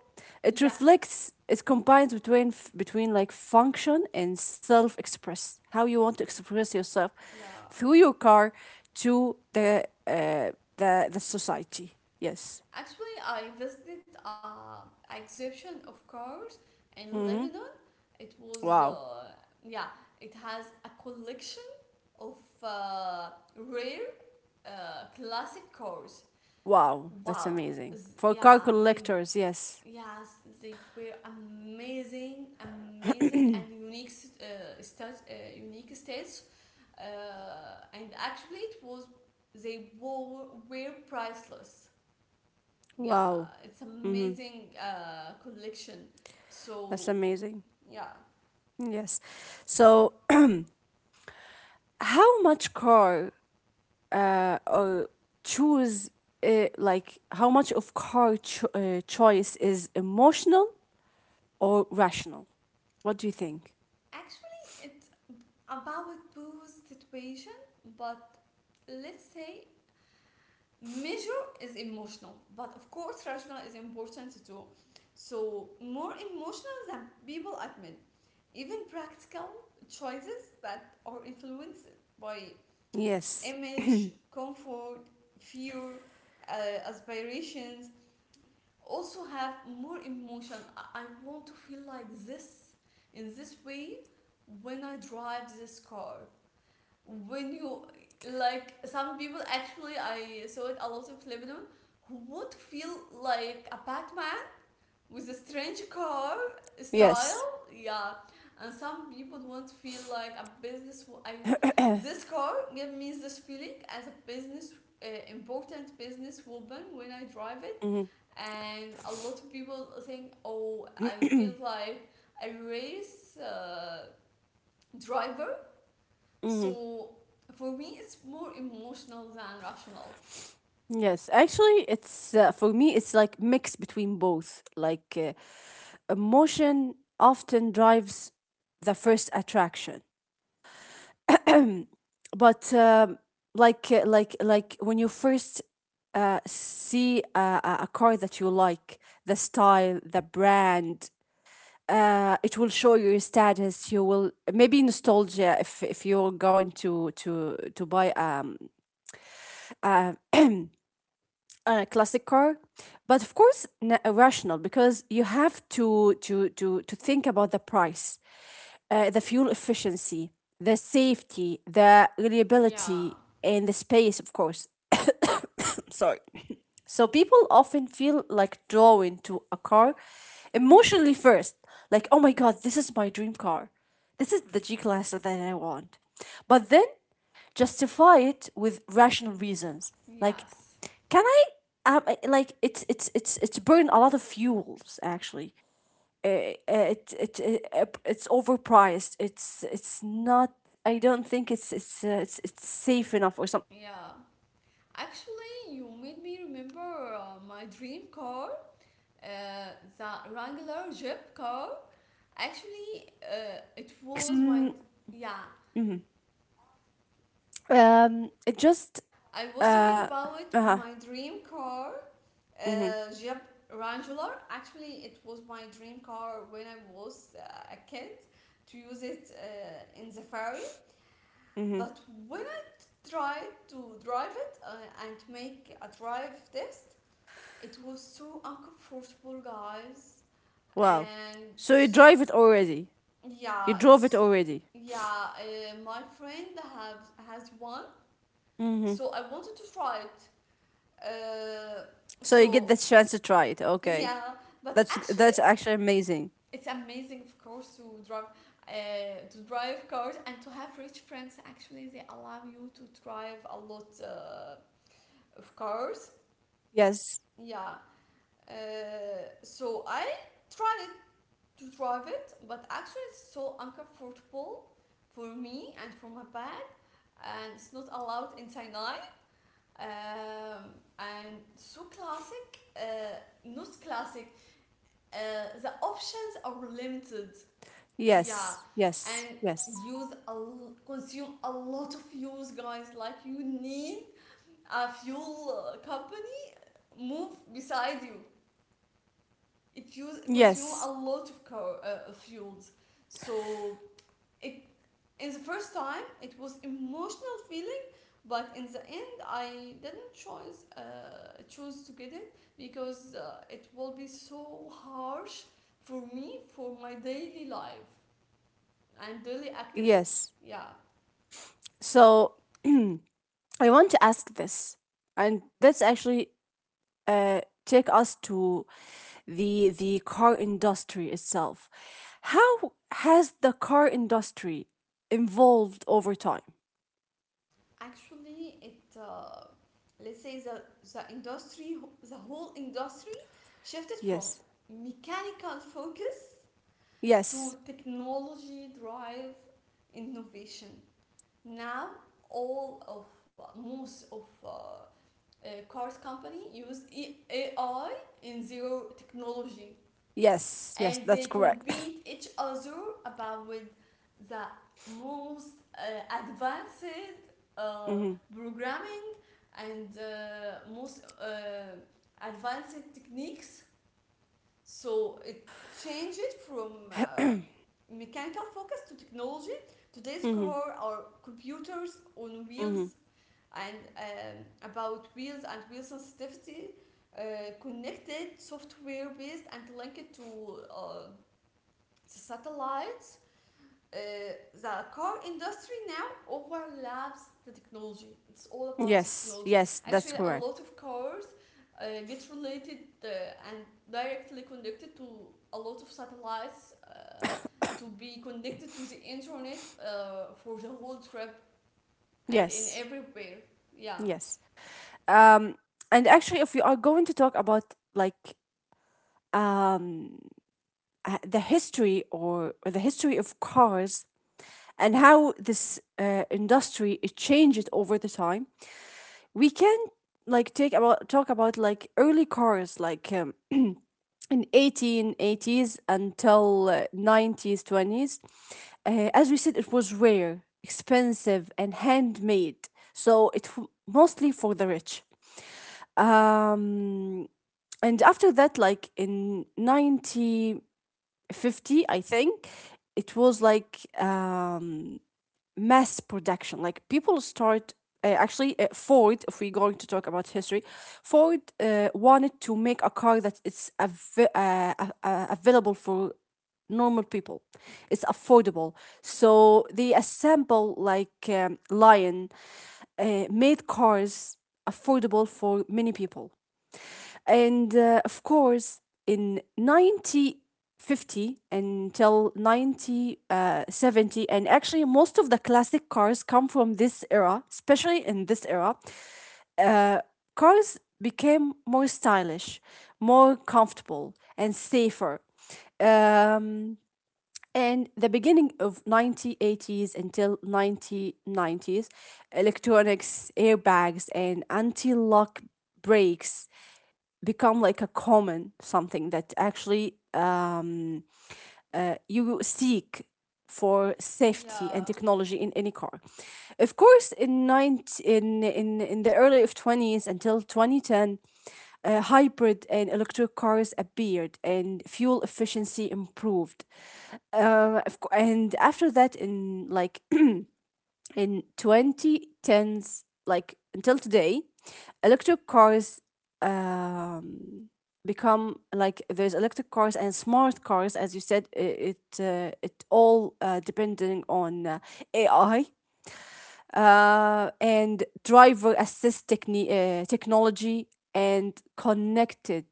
Speaker 1: it
Speaker 2: yeah,
Speaker 1: reflects, it combines between like function and self express, how you want to express yourself
Speaker 2: yeah.
Speaker 1: through your car to the society. Yes.
Speaker 2: Actually, I visited exhibition of cars in
Speaker 1: Mm-hmm.
Speaker 2: Lebanon. It was
Speaker 1: Wow.
Speaker 2: yeah, it has a collection of uh, rare classic cars.
Speaker 1: Wow, that's
Speaker 2: Wow,
Speaker 1: amazing. For car
Speaker 2: Yeah, they
Speaker 1: collectors, yes.
Speaker 2: yes they were amazing, amazing and unique unique states. And actually, it was were priceless, yeah,
Speaker 1: Wow.
Speaker 2: it's
Speaker 1: Mm-hmm.
Speaker 2: amazing collection, so
Speaker 1: That's amazing.
Speaker 2: yeah.
Speaker 1: Yes. So, [clears throat] how much car or choose, like, how much of car choice is emotional or rational? What do you think?
Speaker 2: Actually, it's about booze situation, but let's say measure is emotional but of course rational is important too. So more emotional than people admit, even practical choices that are influenced by
Speaker 1: Yes.
Speaker 2: image, comfort, fear, aspirations also have more emotion. I want to feel like this in this way when I drive this car. When you like some people actually I saw it a lot in Lebanon who would feel like a Batman with a strange car style,
Speaker 1: Yes.
Speaker 2: yeah. And some people want to feel like a business I,
Speaker 1: [clears throat]
Speaker 2: this car gave me this feeling as a business important business woman when I drive it.
Speaker 1: Mm-hmm.
Speaker 2: And a lot of people think, oh, I feel like a race driver.
Speaker 1: Mm-hmm.
Speaker 2: So for me it's more emotional than rational,
Speaker 1: Yes, actually, it's for me, it's like mix between both. Like emotion often drives the first attraction. But like like when you first see a car that you like, the style, the brand, it will show your status. You will maybe nostalgia if you're going to buy a classic car. But of course, rational, because you have to think about the price, the fuel efficiency, the safety, the
Speaker 2: yeah,
Speaker 1: reliability, and the space, of course. Sorry. So people often feel like drawn to a car emotionally first. Like, oh my god, this is my dream car. This is the G Class that I want. But then justify it with rational reasons. Like,
Speaker 2: yes,
Speaker 1: can I, like, it's burn a lot of fuels, actually. It's overpriced, it's not I don't think it's safe enough or something.
Speaker 2: yeah.
Speaker 1: So there's a lot of
Speaker 2: Actually,
Speaker 1: rational
Speaker 2: you made me
Speaker 1: thoughts
Speaker 2: remember
Speaker 1: that it's
Speaker 2: my
Speaker 1: going
Speaker 2: dream
Speaker 1: to
Speaker 2: car,
Speaker 1: go to your mind.
Speaker 2: uh, the
Speaker 1: So yes,
Speaker 2: Wrangler
Speaker 1: it's
Speaker 2: Jeep
Speaker 1: mixed
Speaker 2: car.
Speaker 1: between both.
Speaker 2: Actually, it was my
Speaker 1: um
Speaker 2: yeah.
Speaker 1: mhm. It just
Speaker 2: I was talking
Speaker 1: uh
Speaker 2: about
Speaker 1: uh
Speaker 2: my dream car,
Speaker 1: mhm.
Speaker 2: Jeep Wrangler. Actually, it was my dream car when I was a kid to use it in the ferry.
Speaker 1: Mhm.
Speaker 2: But when I tried to drive it and make a drive test, it was so uncomfortable, guys,
Speaker 1: Wow.
Speaker 2: and
Speaker 1: So you drive it already? You
Speaker 2: yeah,
Speaker 1: drove it
Speaker 2: it's
Speaker 1: already?
Speaker 2: yeah. My friend have has one,
Speaker 1: Mhm.
Speaker 2: so I wanted to try it. Uh,
Speaker 1: So you get
Speaker 2: so
Speaker 1: the chance to try it.
Speaker 2: [laughs]
Speaker 1: Okay.
Speaker 2: yeah, but
Speaker 1: That's
Speaker 2: actually,
Speaker 1: actually amazing.
Speaker 2: it's amazing, of course, to drive cars and to have rich friends. Actually, they allow you to drive a lot of cars.
Speaker 1: Yes.
Speaker 2: Yeah. Uh, so I tried it to drive it, but actually it's so uncomfortable for me and for my bag, and it's not allowed in Sinai. Um, and so classic, not classic. Uh, the options are limited. Yeah,
Speaker 1: Yes. Yes.
Speaker 2: and
Speaker 1: Yes.
Speaker 2: consume a lot of fuels, guys. Like you need a fuel company move beside you. It use consume a
Speaker 1: Yes.
Speaker 2: lot of car, fuels, so it in the first time it was emotional feeling, but in the end I didn't choose to get it because it will be so harsh for me for my daily life and daily activities,
Speaker 1: Yes.
Speaker 2: yeah.
Speaker 1: So I want to ask this, and that's actually take us to the car industry itself. How has the car industry evolved over time?
Speaker 2: Actually it let's say the industry, the whole industry shifted from
Speaker 1: Yes.
Speaker 2: mechanical focus to
Speaker 1: Yes.
Speaker 2: technology drive innovation. Now, all of most of cars company use AI and zero technology,
Speaker 1: Yes. Yes.
Speaker 2: and
Speaker 1: That's
Speaker 2: they
Speaker 1: correct.
Speaker 2: compete each other about with the most advanced
Speaker 1: [laughs]
Speaker 2: uh,
Speaker 1: Mm-hmm.
Speaker 2: programming and most advanced techniques. So it changes from mechanical focus to technology. Today's
Speaker 1: Mm-hmm.
Speaker 2: car are computers on
Speaker 1: Mm-hmm.
Speaker 2: wheels and about wheels and wheel sensitivity, uh, connected software based and linked to satellites. Uh, the car industry now overlaps the technology. It's all about the
Speaker 1: Yes.
Speaker 2: technology.
Speaker 1: Yes. That's
Speaker 2: Actually, a
Speaker 1: correct.
Speaker 2: lot of cars get related and directly connected to a lot of satellites to be connected to the internet for the whole trip and in
Speaker 1: Yes.
Speaker 2: everywhere. Yeah.
Speaker 1: Yes. Um, and actually, if we are going to talk about, like, um, the history, or the history of cars, and how this industry, it changed over the time, we can like take about talk about, like, early cars, like in 1880s until 90s 20s. As we said, it was rare, expensive, and handmade. So it mostly for the rich. Um, and after that, like in 1950, I think it was like mass production, like people start actually. Ford, if we're going to talk about history, Ford wanted to make a car that it's available for normal people. It's affordable. So they assemble like lion made cars affordable for many people. And of course, in 1950 until 1970, and actually most of the classic cars come from this era. Especially in this era, uh, cars became more stylish, more comfortable, and safer. Um, and the beginning of 1980s until 1990s, electronics, airbags, and anti-lock brakes become like a common something that actually you seek for safety and
Speaker 2: Yeah,
Speaker 1: technology in any car. Of course, in 19, in the early of 20s until 2010, hybrid and electric cars appeared, and fuel efficiency improved. And after that, in like in 2010s like until today, electric cars um, become like, there's electric cars and smart cars. As you said, it it all depending on AI and driver assist technology and connected,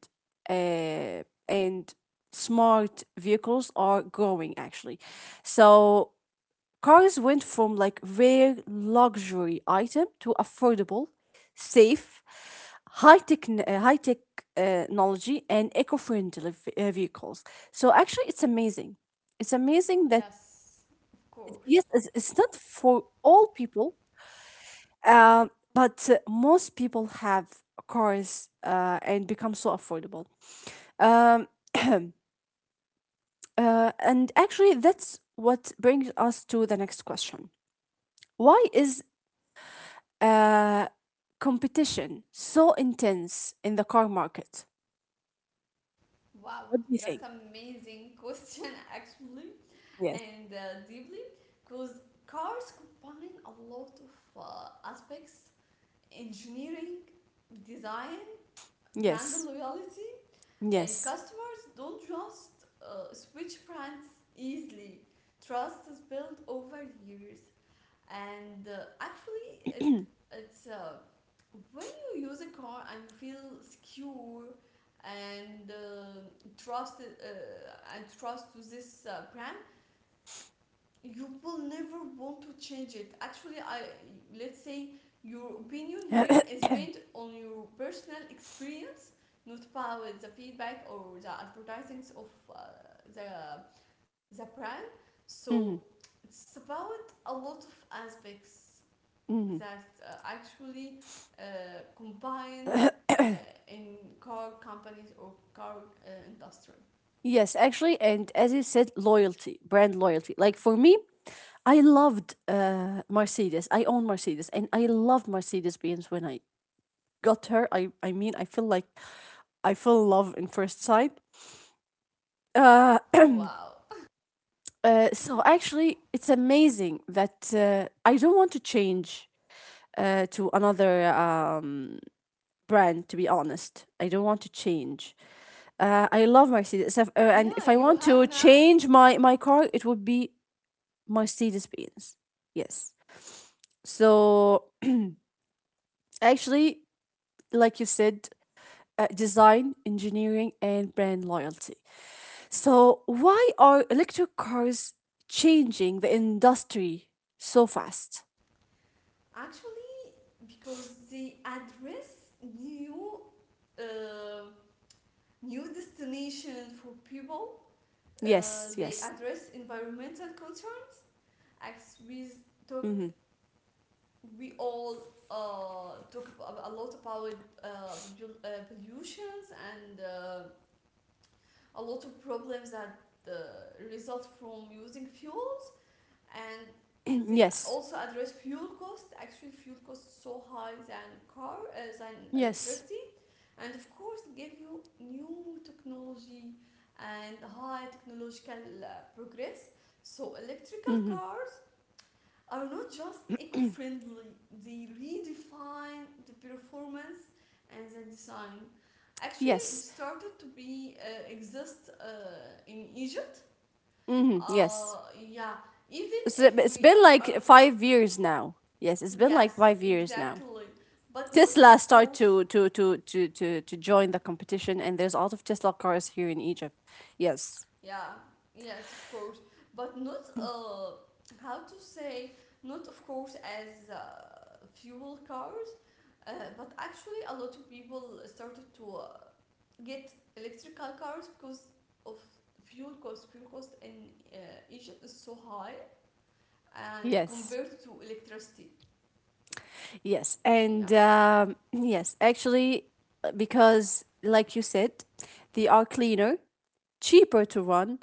Speaker 1: uh, and smart vehicles are growing, actually. So cars went from like rare luxury item to affordable, safe, high tech, technology, and eco-friendly vehicles. So actually, it's amazing. It's amazing that
Speaker 2: yes, of course.
Speaker 1: yes, it's not for all people. Um, but most people have cars and become so affordable. Um, [clears throat] and actually, that's what brings us to the next question. Why is uh, competition so intense in the car market?
Speaker 2: Wow,
Speaker 1: What do you think?
Speaker 2: that's amazing question [laughs] actually,
Speaker 1: Yes.
Speaker 2: and deeply, because cars combine a lot of aspects: engineering, design, brand
Speaker 1: Yes.
Speaker 2: loyalty, and
Speaker 1: Yes.
Speaker 2: customers don't just switch brands easily. Trust is built over years, and actually it it's when you use a car and you feel secure and trust and trust to this brand, you will never want to change it. Actually I let's say your opinion here
Speaker 1: [clears throat]
Speaker 2: is based on your personal experience, not about the feedback or the advertisings of uh, the brand. So
Speaker 1: Mhm.
Speaker 2: it's about a lot of aspects that
Speaker 1: Mhm. [coughs]
Speaker 2: actually combined uh, in car companies or car industry.
Speaker 1: Yes, actually, and as you said, loyalty, brand loyalty. Like for me, I loved Mercedes. I own Mercedes, and I loved Mercedes Benz when I got her. I mean, I feel like I feel love in first sight. Uh, [coughs]
Speaker 2: Wow.
Speaker 1: [clears throat]
Speaker 2: [laughs]
Speaker 1: so actually, it's amazing that I don't want to change to another brand, to be honest. I don't want to change. I love Mercedes.
Speaker 2: Yeah,
Speaker 1: And if
Speaker 2: you
Speaker 1: I want
Speaker 2: have
Speaker 1: to
Speaker 2: now
Speaker 1: change my car, it would be Mercedes Benz. Yes. So, actually, like you said, design, engineering, and brand loyalty. So, why are electric cars changing the industry so fast?
Speaker 2: actually because they address new uh, new destination for people.
Speaker 1: Yes,
Speaker 2: They
Speaker 1: yes.
Speaker 2: address environmental concern. As we talk,
Speaker 1: Mm-hmm.
Speaker 2: we all talk a lot about uh, pollutions and a lot of problems that result from using fuels, and
Speaker 1: [clears throat]
Speaker 2: they
Speaker 1: Yes,
Speaker 2: also address fuel cost. Actually, fuel cost is so high than car than
Speaker 1: yes.
Speaker 2: electricity, and of course give you new technology and high technological uh, progress. So electrical
Speaker 1: Mm-hmm.
Speaker 2: cars are not just eco-friendly, they redefine the performance and the design. Actually, it
Speaker 1: Yes.
Speaker 2: started to be exist in Egypt.
Speaker 1: Hmm. Yes.
Speaker 2: Yeah, even if
Speaker 1: It's
Speaker 2: we
Speaker 1: been
Speaker 2: are,
Speaker 1: like 5 years now. Yes, it's been
Speaker 2: yes,
Speaker 1: like 5 years
Speaker 2: exactly,
Speaker 1: now.
Speaker 2: but not of
Speaker 1: Tesla
Speaker 2: course.
Speaker 1: start to join the competition, and there's a lot of Tesla cars here in Egypt. Yes,
Speaker 2: Yeah, yes, of course, but not how to say, not of course as fuel cars, uh, but actually a lot of people started to. Get electrical cars because of fuel cost. Fuel cost in Egypt is so high and
Speaker 1: yes,
Speaker 2: compared to electricity.
Speaker 1: yes,
Speaker 2: Yeah,
Speaker 1: and [clears throat] yes, actually, because like you said, they are cleaner, cheaper to run,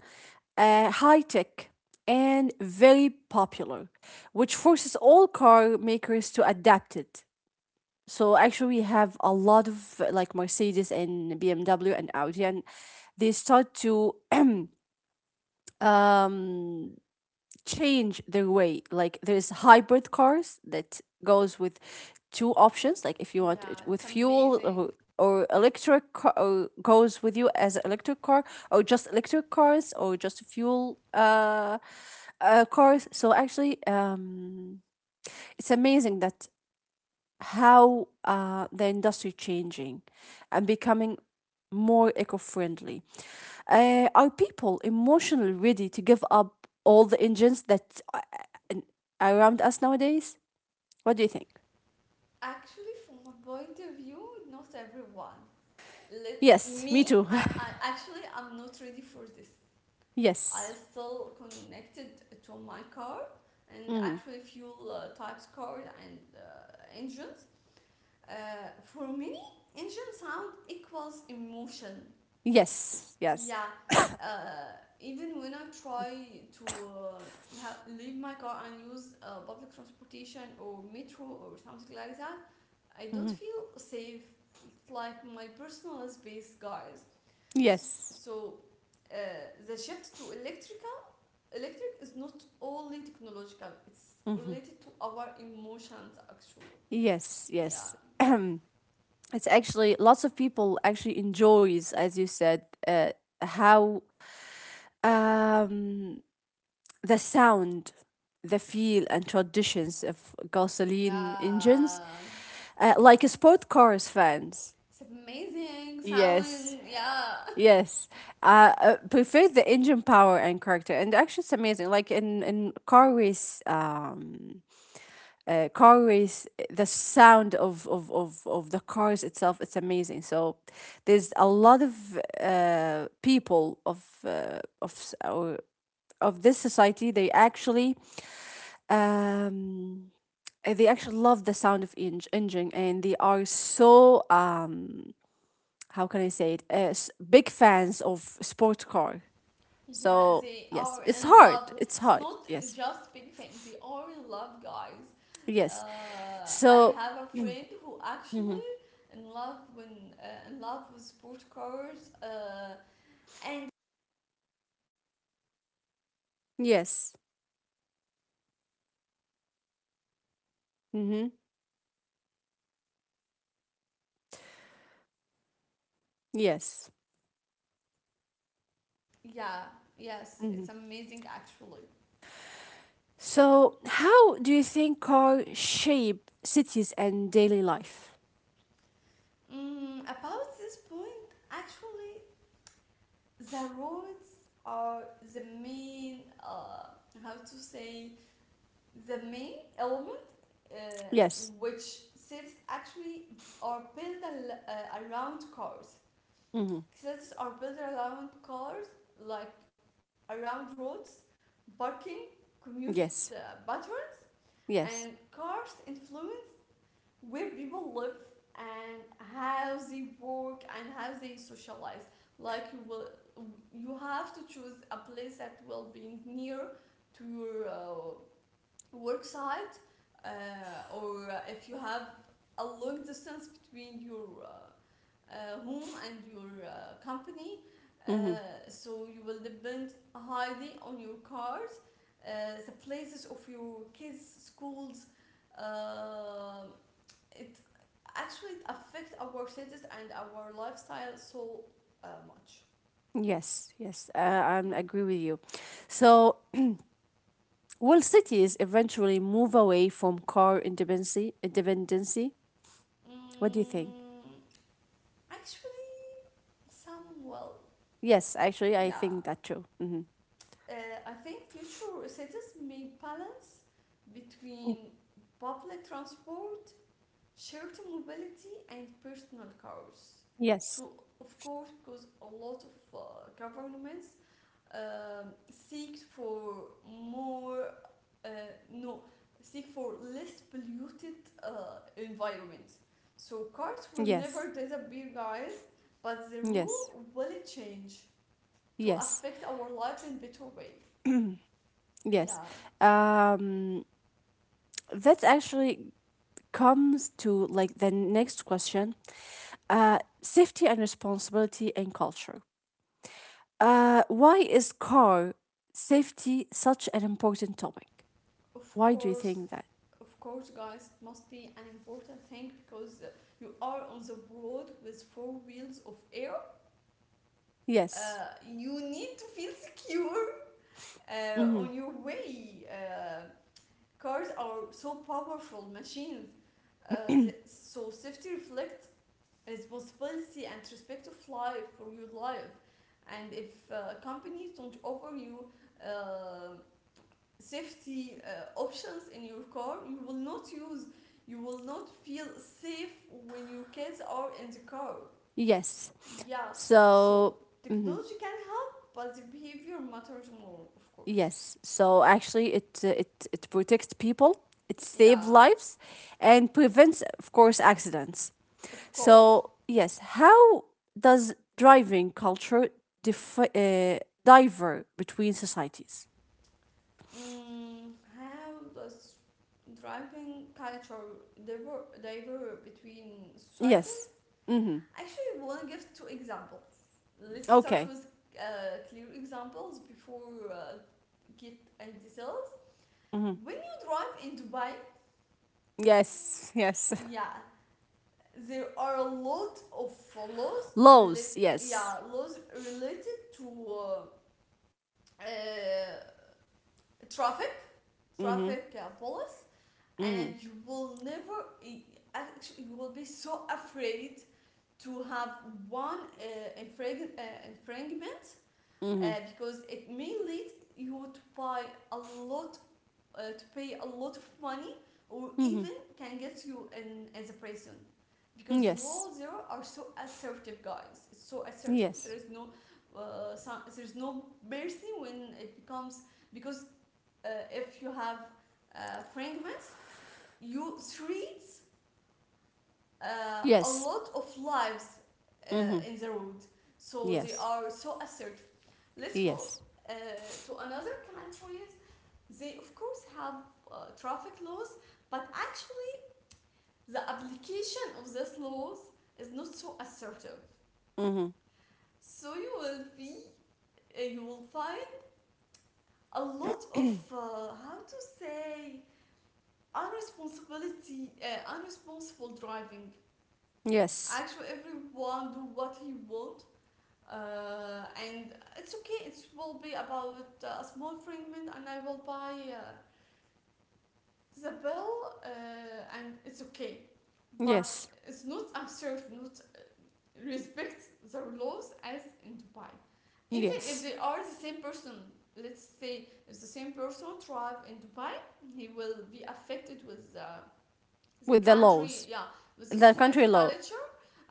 Speaker 1: high tech, and very popular, which forces all car makers to adapt it. So actually, we have a lot of like Mercedes and BMW and Audi, and they start to [clears throat] um, change their way. Like there's hybrid cars that goes with two options. Like if you want it
Speaker 2: yeah,
Speaker 1: with
Speaker 2: it's
Speaker 1: fuel,
Speaker 2: amazing.
Speaker 1: or electric, car, or goes with you as an electric car, or just electric cars, or just fuel cars. So actually, it's amazing that how the industry changing and becoming more eco-friendly. Are people emotionally ready to give up all the engines that uh, around us nowadays? What do you think?
Speaker 2: Actually, from my point of view, not everyone. Let
Speaker 1: Yes, me
Speaker 2: me,
Speaker 1: too.
Speaker 2: I actually I'm not ready for this.
Speaker 1: [laughs]
Speaker 2: I
Speaker 1: Yes.
Speaker 2: still connected to my car and
Speaker 1: Mhm.
Speaker 2: actually fuel types car and engines. Uh, for many, engine sound equals emotion.
Speaker 1: Yes, yes.
Speaker 2: Yeah, uh, even when I try to leave my car and use public transportation or metro or something like that, I don't
Speaker 1: Mhm.
Speaker 2: feel safe. It's like my personal space, guys. S-
Speaker 1: Yes.
Speaker 2: So the shift to electric is not only technological. It's
Speaker 1: Mhm.
Speaker 2: related to our emotions, actually.
Speaker 1: Yes,
Speaker 2: Yeah,
Speaker 1: yes. [clears throat] It's, actually, lots of people actually enjoys, as you said, how um the sound, the feel, and traditions of gasoline engines,
Speaker 2: yeah.
Speaker 1: like sport cars fans.
Speaker 2: It's amazing
Speaker 1: Yes,
Speaker 2: sound. Yeah.
Speaker 1: yes. Prefer the engine power and character, and actually, it's amazing. Like in car race, the sound of the cars itself, it's amazing. So there's a lot of people of our of this society. Um they actually love the sound of engine, and they are so how can I say it, big fans of sport car.
Speaker 2: Yeah,
Speaker 1: So
Speaker 2: they
Speaker 1: yes,
Speaker 2: are
Speaker 1: it's
Speaker 2: in
Speaker 1: hard,
Speaker 2: love.
Speaker 1: it's
Speaker 2: It's
Speaker 1: hard,
Speaker 2: not
Speaker 1: yes.
Speaker 2: just big things. They are in love, guys.
Speaker 1: Yes.
Speaker 2: I
Speaker 1: So
Speaker 2: have a friend who actually in love with sport cars. And
Speaker 1: yes. Mm-hmm. Yes.
Speaker 2: yeah, yes,
Speaker 1: Mm-hmm.
Speaker 2: it's amazing actually.
Speaker 1: So how do you think car shape cities and daily life?
Speaker 2: Mm, about this point, actually, the roads are the main. How to say, the main element uh,
Speaker 1: Yes.
Speaker 2: which sits actually are built around cars.
Speaker 1: Mm-hmm.
Speaker 2: Sets are built around cars, like around roads, parking, commute uh,
Speaker 1: Yes.
Speaker 2: patterns,
Speaker 1: Yes.
Speaker 2: and cars influence where people live and how they work and how they socialize. Like you will, you have to choose a place that will be near to your work site, uh, or if you have a long distance between your home and your company,
Speaker 1: Mm-hmm.
Speaker 2: so you will depend highly on your cars, the places of your kids schools. uh, it actually it affect our cities and our lifestyle so much.
Speaker 1: Yes, yes, I
Speaker 2: Yeah.
Speaker 1: agree with you. So will cities eventually move away from car independency? Independency? What do you think?
Speaker 2: Mm, actually some, well,
Speaker 1: Yes, actually, I
Speaker 2: yeah.
Speaker 1: think that too. Hmm.
Speaker 2: Uh, I think future cities may balance between public transport, shared mobility, and personal cars. To
Speaker 1: Yes,
Speaker 2: of course, because a lot of governments seek for more, uh, no, seek for less polluted environments. So cars will never
Speaker 1: yes,
Speaker 2: disappear, guys, but the rule
Speaker 1: yes,
Speaker 2: will change to
Speaker 1: yes,
Speaker 2: affect our lives in better way.
Speaker 1: yes.
Speaker 2: Yeah,
Speaker 1: Um, that actually comes to like the next question: safety and responsibility and culture. Why is car safety such an important topic?
Speaker 2: of
Speaker 1: Why do you
Speaker 2: course,
Speaker 1: think that?
Speaker 2: of course, guys, it must be an important thing because you are on the road with four wheels of air. Uh,
Speaker 1: Yes.
Speaker 2: you need to feel secure
Speaker 1: Mm-hmm.
Speaker 2: on your way. Cars are so powerful machines, so safety reflects responsibility and respect of life for your life. And if companies don't offer you um safety options in your car, you will not use, you will not feel safe when your kids are in the car.
Speaker 1: Yes.
Speaker 2: Yeah, so
Speaker 1: So, mhm,
Speaker 2: technology can help, but the behavior matters more of course.
Speaker 1: yes. So actually, it, it protects people, it saves
Speaker 2: Yeah,
Speaker 1: lives, and prevents, of course, accidents.
Speaker 2: of course.
Speaker 1: So yes, how does driving culture dif- uh, differ between societies?
Speaker 2: Mm, how does driving culture differ between
Speaker 1: Yes.
Speaker 2: societies?
Speaker 1: Mm-hmm.
Speaker 2: Actually, we want to give two examples. Let's start
Speaker 1: Okay.
Speaker 2: with clear examples before get into details.
Speaker 1: Mm-hmm.
Speaker 2: When you drive in Dubai,
Speaker 1: Yes. Yes.
Speaker 2: yeah, there are a lot of
Speaker 1: [laughs]
Speaker 2: laws related,
Speaker 1: Laws. Yes.
Speaker 2: yeah, laws related to uh, traffic,
Speaker 1: Mm-hmm.
Speaker 2: traffic police,
Speaker 1: Mm-hmm.
Speaker 2: and you will never, e, actually, you will be so afraid to have one infringement
Speaker 1: Mm-hmm.
Speaker 2: because it may lead you to buy a lot, to pay a lot of money, or
Speaker 1: Mm-hmm.
Speaker 2: even can get you in as a prison. Because
Speaker 1: Yes.
Speaker 2: law zero are so assertive, guys. It's so assertive. There
Speaker 1: Yes.
Speaker 2: is no, there's no mercy when it becomes because if you have fragments, you three a
Speaker 1: Yes.
Speaker 2: lot of lives
Speaker 1: Mm-hmm.
Speaker 2: in the road, so they
Speaker 1: Yes.
Speaker 2: are so assertive. Let's go
Speaker 1: Yes.
Speaker 2: uh, to another countries. They of course have traffic laws, but actually the application of these laws is not so assertive.
Speaker 1: Hmm.
Speaker 2: So you will be, you will find a lot of how to say unresponsibility, unresponsible driving.
Speaker 1: Yes.
Speaker 2: Actually, everyone do what he want, and it's okay, it will be about a small fragment and I will buy the bill, uh, and it's okay, but
Speaker 1: Yes.
Speaker 2: it's not absurd not respect their laws as in Dubai. Even if
Speaker 1: Yes.
Speaker 2: they are the same person, let's say if the same person thrive in Dubai, he will be affected with the
Speaker 1: With the
Speaker 2: country,
Speaker 1: laws,
Speaker 2: yeah, with the
Speaker 1: the
Speaker 2: society
Speaker 1: country law,
Speaker 2: culture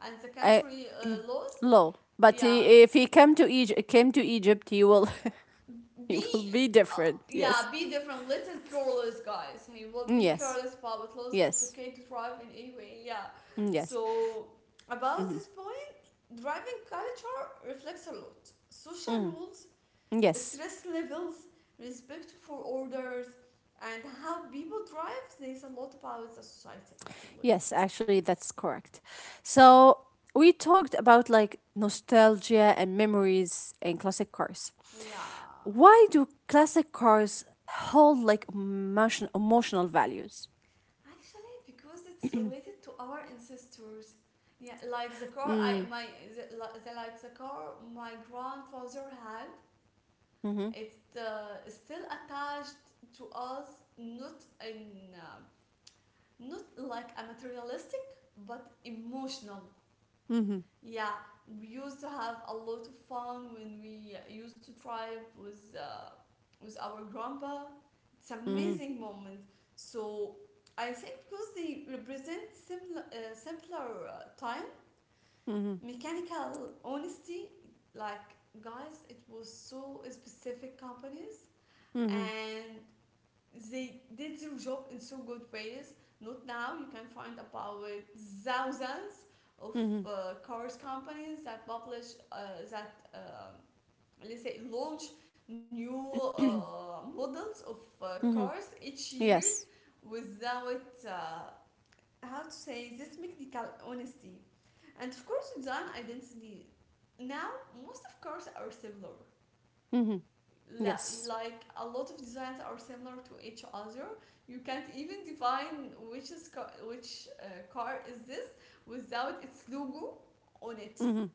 Speaker 2: and the
Speaker 1: I
Speaker 2: country laws.
Speaker 1: law. But
Speaker 2: Yeah,
Speaker 1: if he came to Egypt, he will, [laughs] he will
Speaker 2: be
Speaker 1: be
Speaker 2: uh,
Speaker 1: different.
Speaker 2: yeah,
Speaker 1: Yes.
Speaker 2: be different, little careless guys, hey, well be
Speaker 1: Yes.
Speaker 2: careless about laws, it's
Speaker 1: Yes.
Speaker 2: okay to drive in any way. Yeah,
Speaker 1: Mm, yes.
Speaker 2: so about
Speaker 1: Hmm.
Speaker 2: this point, driving culture reflects a lot social
Speaker 1: Hmm.
Speaker 2: rules,
Speaker 1: Yes.
Speaker 2: stress levels, respect for orders, and how people drive says a lot about the society actually.
Speaker 1: Yes. Actually, that's correct. So we talked about like nostalgia and memories and classic cars.
Speaker 2: Yeah.
Speaker 1: Why do classic cars hold like emotion, emotional values?
Speaker 2: Actually, because it's related to our ancestors. Yeah, like the car, I
Speaker 1: Mm.
Speaker 2: my the, the like the car my grandfather had.
Speaker 1: Mhm.
Speaker 2: It's still attached to us, not in uh, not like a materialistic, but emotional.
Speaker 1: Mhm.
Speaker 2: Yeah, we used to have a lot of fun when we used to drive with our grandpa. It's
Speaker 1: Mhm.
Speaker 2: amazing moment. So I think because they represent similar simpler time,
Speaker 1: Mhm.
Speaker 2: mechanical honesty. Like guys, it was so specific companies,
Speaker 1: Mhm.
Speaker 2: and they did their job in so good ways. Not now, you can find about thousands of
Speaker 1: Mhm.
Speaker 2: cars companies that publish that let's say launch new models of
Speaker 1: Mhm.
Speaker 2: cars each years
Speaker 1: Yes.
Speaker 2: without how to say this technical honesty, and of course design identity. Now most of cars are similar,
Speaker 1: Mhm. Yes.
Speaker 2: like a lot of designs are similar to each other. You can't even define which car is this without its logo on it.
Speaker 1: Mhm.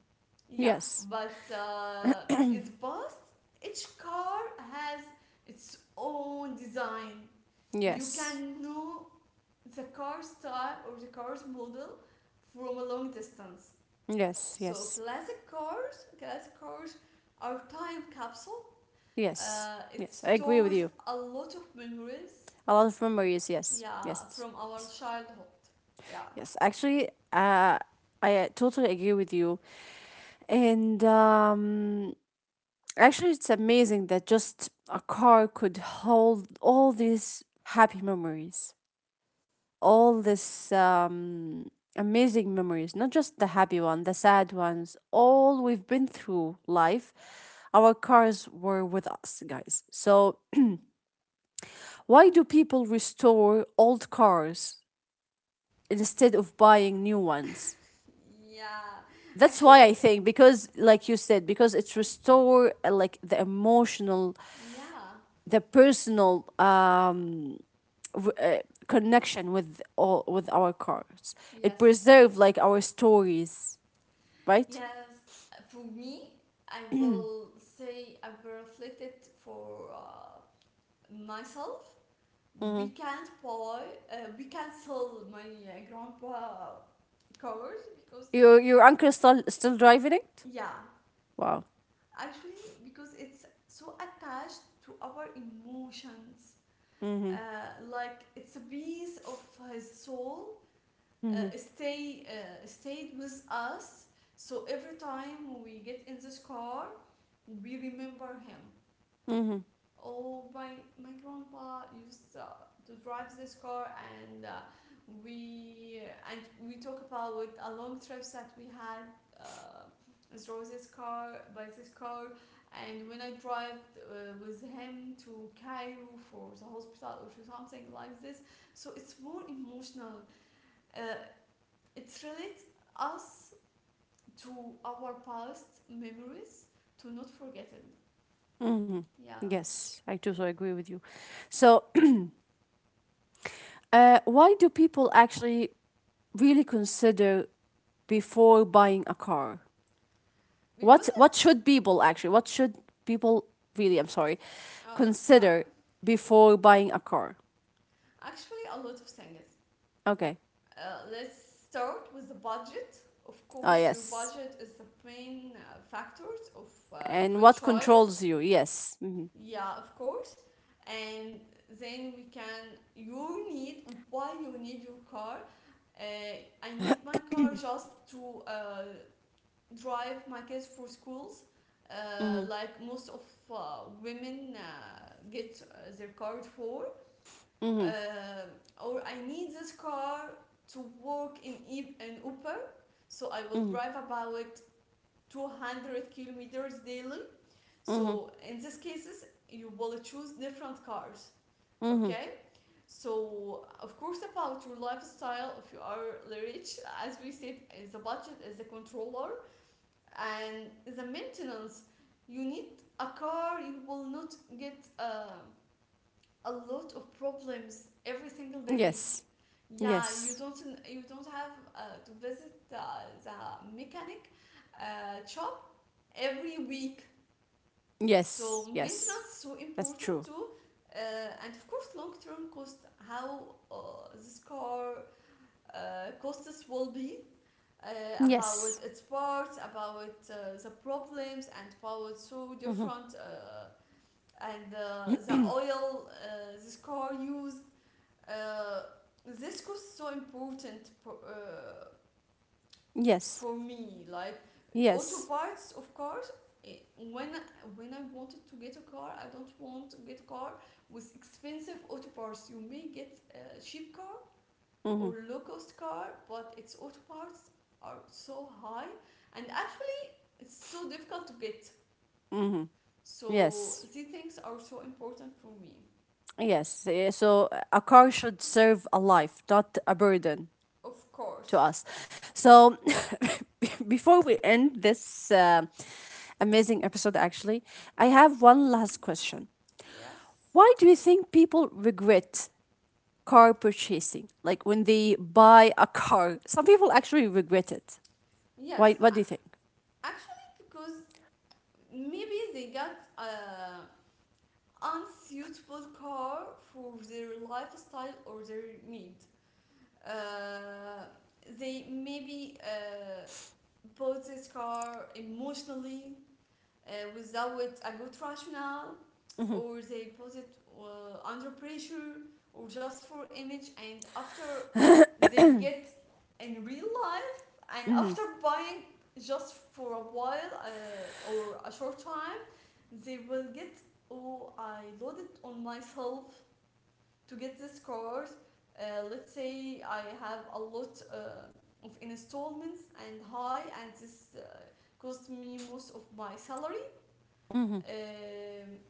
Speaker 2: Yeah,
Speaker 1: Yes.
Speaker 2: but in the past, each car has its own design. You
Speaker 1: Yes.
Speaker 2: can know the car style or the car's model from a long distance.
Speaker 1: Yes.
Speaker 2: So
Speaker 1: Yes.
Speaker 2: classic cars are time capsule,
Speaker 1: Yes.
Speaker 2: it
Speaker 1: Yes, I agree with
Speaker 2: stores
Speaker 1: you.
Speaker 2: a lot of memories.
Speaker 1: A lot of memories. Yes.
Speaker 2: Yeah,
Speaker 1: Yes.
Speaker 2: from our
Speaker 1: Yes.
Speaker 2: childhood. Yeah.
Speaker 1: Yes, actually, I totally agree with you. And actually, it's amazing that just a car could hold all these happy memories, all this amazing memories. Not just the happy one, the sad ones, all we've been through life. Our cars were with us, guys. So, why do people restore old cars instead of buying new ones?
Speaker 2: Yeah.
Speaker 1: That's why
Speaker 2: Actually,
Speaker 1: I think, because like you said, because it's restore like the emotional,
Speaker 2: yeah.
Speaker 1: the personal w- uh, connection with all with our cars. It
Speaker 2: Yes.
Speaker 1: preserve like our stories, right?
Speaker 2: Yes. For me, I will say I will reflect it for myself. We
Speaker 1: Mm-hmm.
Speaker 2: can't buy, we can't sell my grandpa covers because,
Speaker 1: Your uncle still, still driving it?
Speaker 2: yeah,
Speaker 1: Wow.
Speaker 2: actually, because it's so attached to our emotions,
Speaker 1: Mm-hmm.
Speaker 2: like it's a piece of his soul,
Speaker 1: Mm-hmm.
Speaker 2: stayed with us, so every time we get in this car we remember him.
Speaker 1: Mm-hmm.
Speaker 2: Oh, my grandpa used to drive this car, and we we talk about with a long trips that we had. Uh, through this car by this car, and when I drive with him to Cairo for the hospital or to something like this, so it's more emotional. Uh, it relates us to our past memories to not forget it. Yeah,
Speaker 1: Yes, I totally agree with you. So, [clears throat] why do people actually really consider before buying a car?
Speaker 2: because
Speaker 1: What should people actually? What should people really? I'm sorry,
Speaker 2: it's okay.
Speaker 1: consider before buying a car.
Speaker 2: Actually, a lot of things.
Speaker 1: Okay.
Speaker 2: Let's start with the budget. Of
Speaker 1: Ah,
Speaker 2: course, your
Speaker 1: yes.
Speaker 2: budget is the main factors of
Speaker 1: And
Speaker 2: your
Speaker 1: what
Speaker 2: choice.
Speaker 1: controls you? Yes. Mm-hmm.
Speaker 2: Yeah, of course. And then we can you need why you need your car. Uh, I need my car just to drive my kids for schools. Like most of women get their car for
Speaker 1: Mm-hmm.
Speaker 2: um, or I need this car to work in in Upper, so I will
Speaker 1: Mm-hmm.
Speaker 2: drive about 200 kilometers daily.
Speaker 1: Mm-hmm.
Speaker 2: So in these cases, you will choose different cars.
Speaker 1: Mm-hmm. Mm-hmm.
Speaker 2: Okay. So of course about your lifestyle, if you are rich, as we said, is the budget is the controller and the maintenance. You need a car. You will not get a lot of problems every single day.
Speaker 1: Yes.
Speaker 2: Yeah,
Speaker 1: Yes.
Speaker 2: you don't have to visit the mechanic shop every week.
Speaker 1: Yes,
Speaker 2: So
Speaker 1: yes.
Speaker 2: maintenance is so
Speaker 1: That's true.
Speaker 2: important too, and of course long term cost. How this car costs will be uh,
Speaker 1: Yes.
Speaker 2: about its parts, about the problems, and about so
Speaker 1: Mm-hmm.
Speaker 2: different and the oil this car used. Uh, this was so important
Speaker 1: Yes.
Speaker 2: for me, like auto
Speaker 1: Yes.
Speaker 2: parts of cars, eh, when when I wanted to get a car, I don't want to get a car with expensive auto parts. You may get a cheap car
Speaker 1: Mm-hmm.
Speaker 2: or low cost car but its auto parts are so high, and actually it's so difficult to get,
Speaker 1: Mm-hmm.
Speaker 2: so
Speaker 1: Yes.
Speaker 2: these things are so important for me.
Speaker 1: Yes. Eh, so a car should serve a life, not a burden
Speaker 2: Of
Speaker 1: to
Speaker 2: course.
Speaker 1: us. So [laughs] before we end this amazing episode, actually, I have
Speaker 2: Thank
Speaker 1: one
Speaker 2: you.
Speaker 1: last question.
Speaker 2: Yes,
Speaker 1: Why do you think people regret car purchasing? Like when they buy a car, some people actually regret it. Why?
Speaker 2: yes
Speaker 1: What do you
Speaker 2: a-
Speaker 1: think?
Speaker 2: actually because maybe they got unsuitable car for their lifestyle or their need. Uh, they maybe bought this car emotionally without a good rationale, or they bought it under pressure or just for image. And after they get in real life, and
Speaker 1: Mm-hmm.
Speaker 2: after buying just for a while or a short time, they will get, oh, I loaded on myself to get this card, let's say I have a lot of installments and high, and this cost me most of my salary.
Speaker 1: Mm-hmm.
Speaker 2: Um,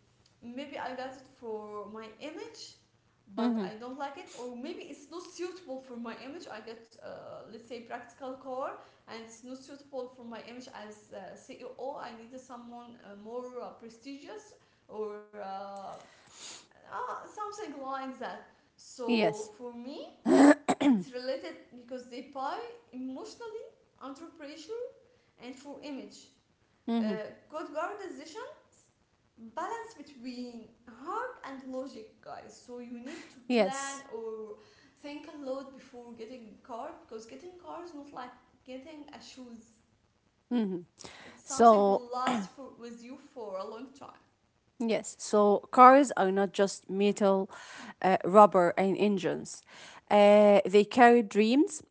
Speaker 2: maybe I got it for my image, but
Speaker 1: Mm-hmm.
Speaker 2: I don't like it, or maybe it's not suitable for my image. I get, let's say, practical core, and it's not suitable for my image as CEO. I needed someone more prestigious or something like that. So
Speaker 1: Yes.
Speaker 2: for me, it's related because they buy emotionally, under pressure, and for image.
Speaker 1: Mm-hmm.
Speaker 2: Good guard decision balance between heart and logic, guys. So you need to plan
Speaker 1: Yes.
Speaker 2: or think a lot before getting a car, because getting a car is not like getting a shoes.
Speaker 1: Mm-hmm.
Speaker 2: It's something will
Speaker 1: So,
Speaker 2: last for, with you for a long time.
Speaker 1: yes. So, cars are not just metal, rubber, and engines. They carry dreams,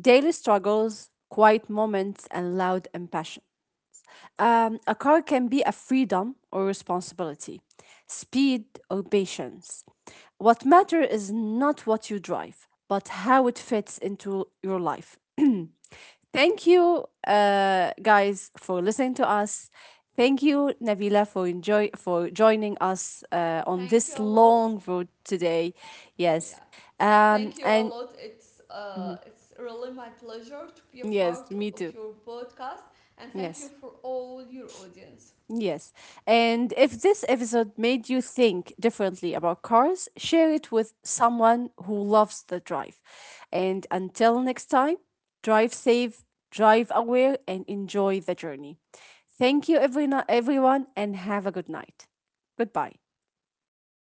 Speaker 1: daily struggles, quiet moments, and loud ambition. A car can be a freedom or responsibility, speed or patience. What matter is not what you drive, but how it fits into your life. [clears throat] Thank you, guys, for listening to us. Thank you, Navila, for enjoy for joining us on
Speaker 2: Thank you
Speaker 1: this
Speaker 2: a lot.
Speaker 1: long road today. Yes,
Speaker 2: Yeah. Thank you a
Speaker 1: and
Speaker 2: lot. It's really my pleasure to be a
Speaker 1: yes,
Speaker 2: part of
Speaker 1: me too.
Speaker 2: your podcast, and thank you
Speaker 1: Yes.
Speaker 2: for all your audience.
Speaker 1: Yes. And if this episode made you think differently about cars, share it with someone who loves the drive. And until next time, drive safe, drive aware, and enjoy the journey. Thank you, everyone, and have a good night. Goodbye.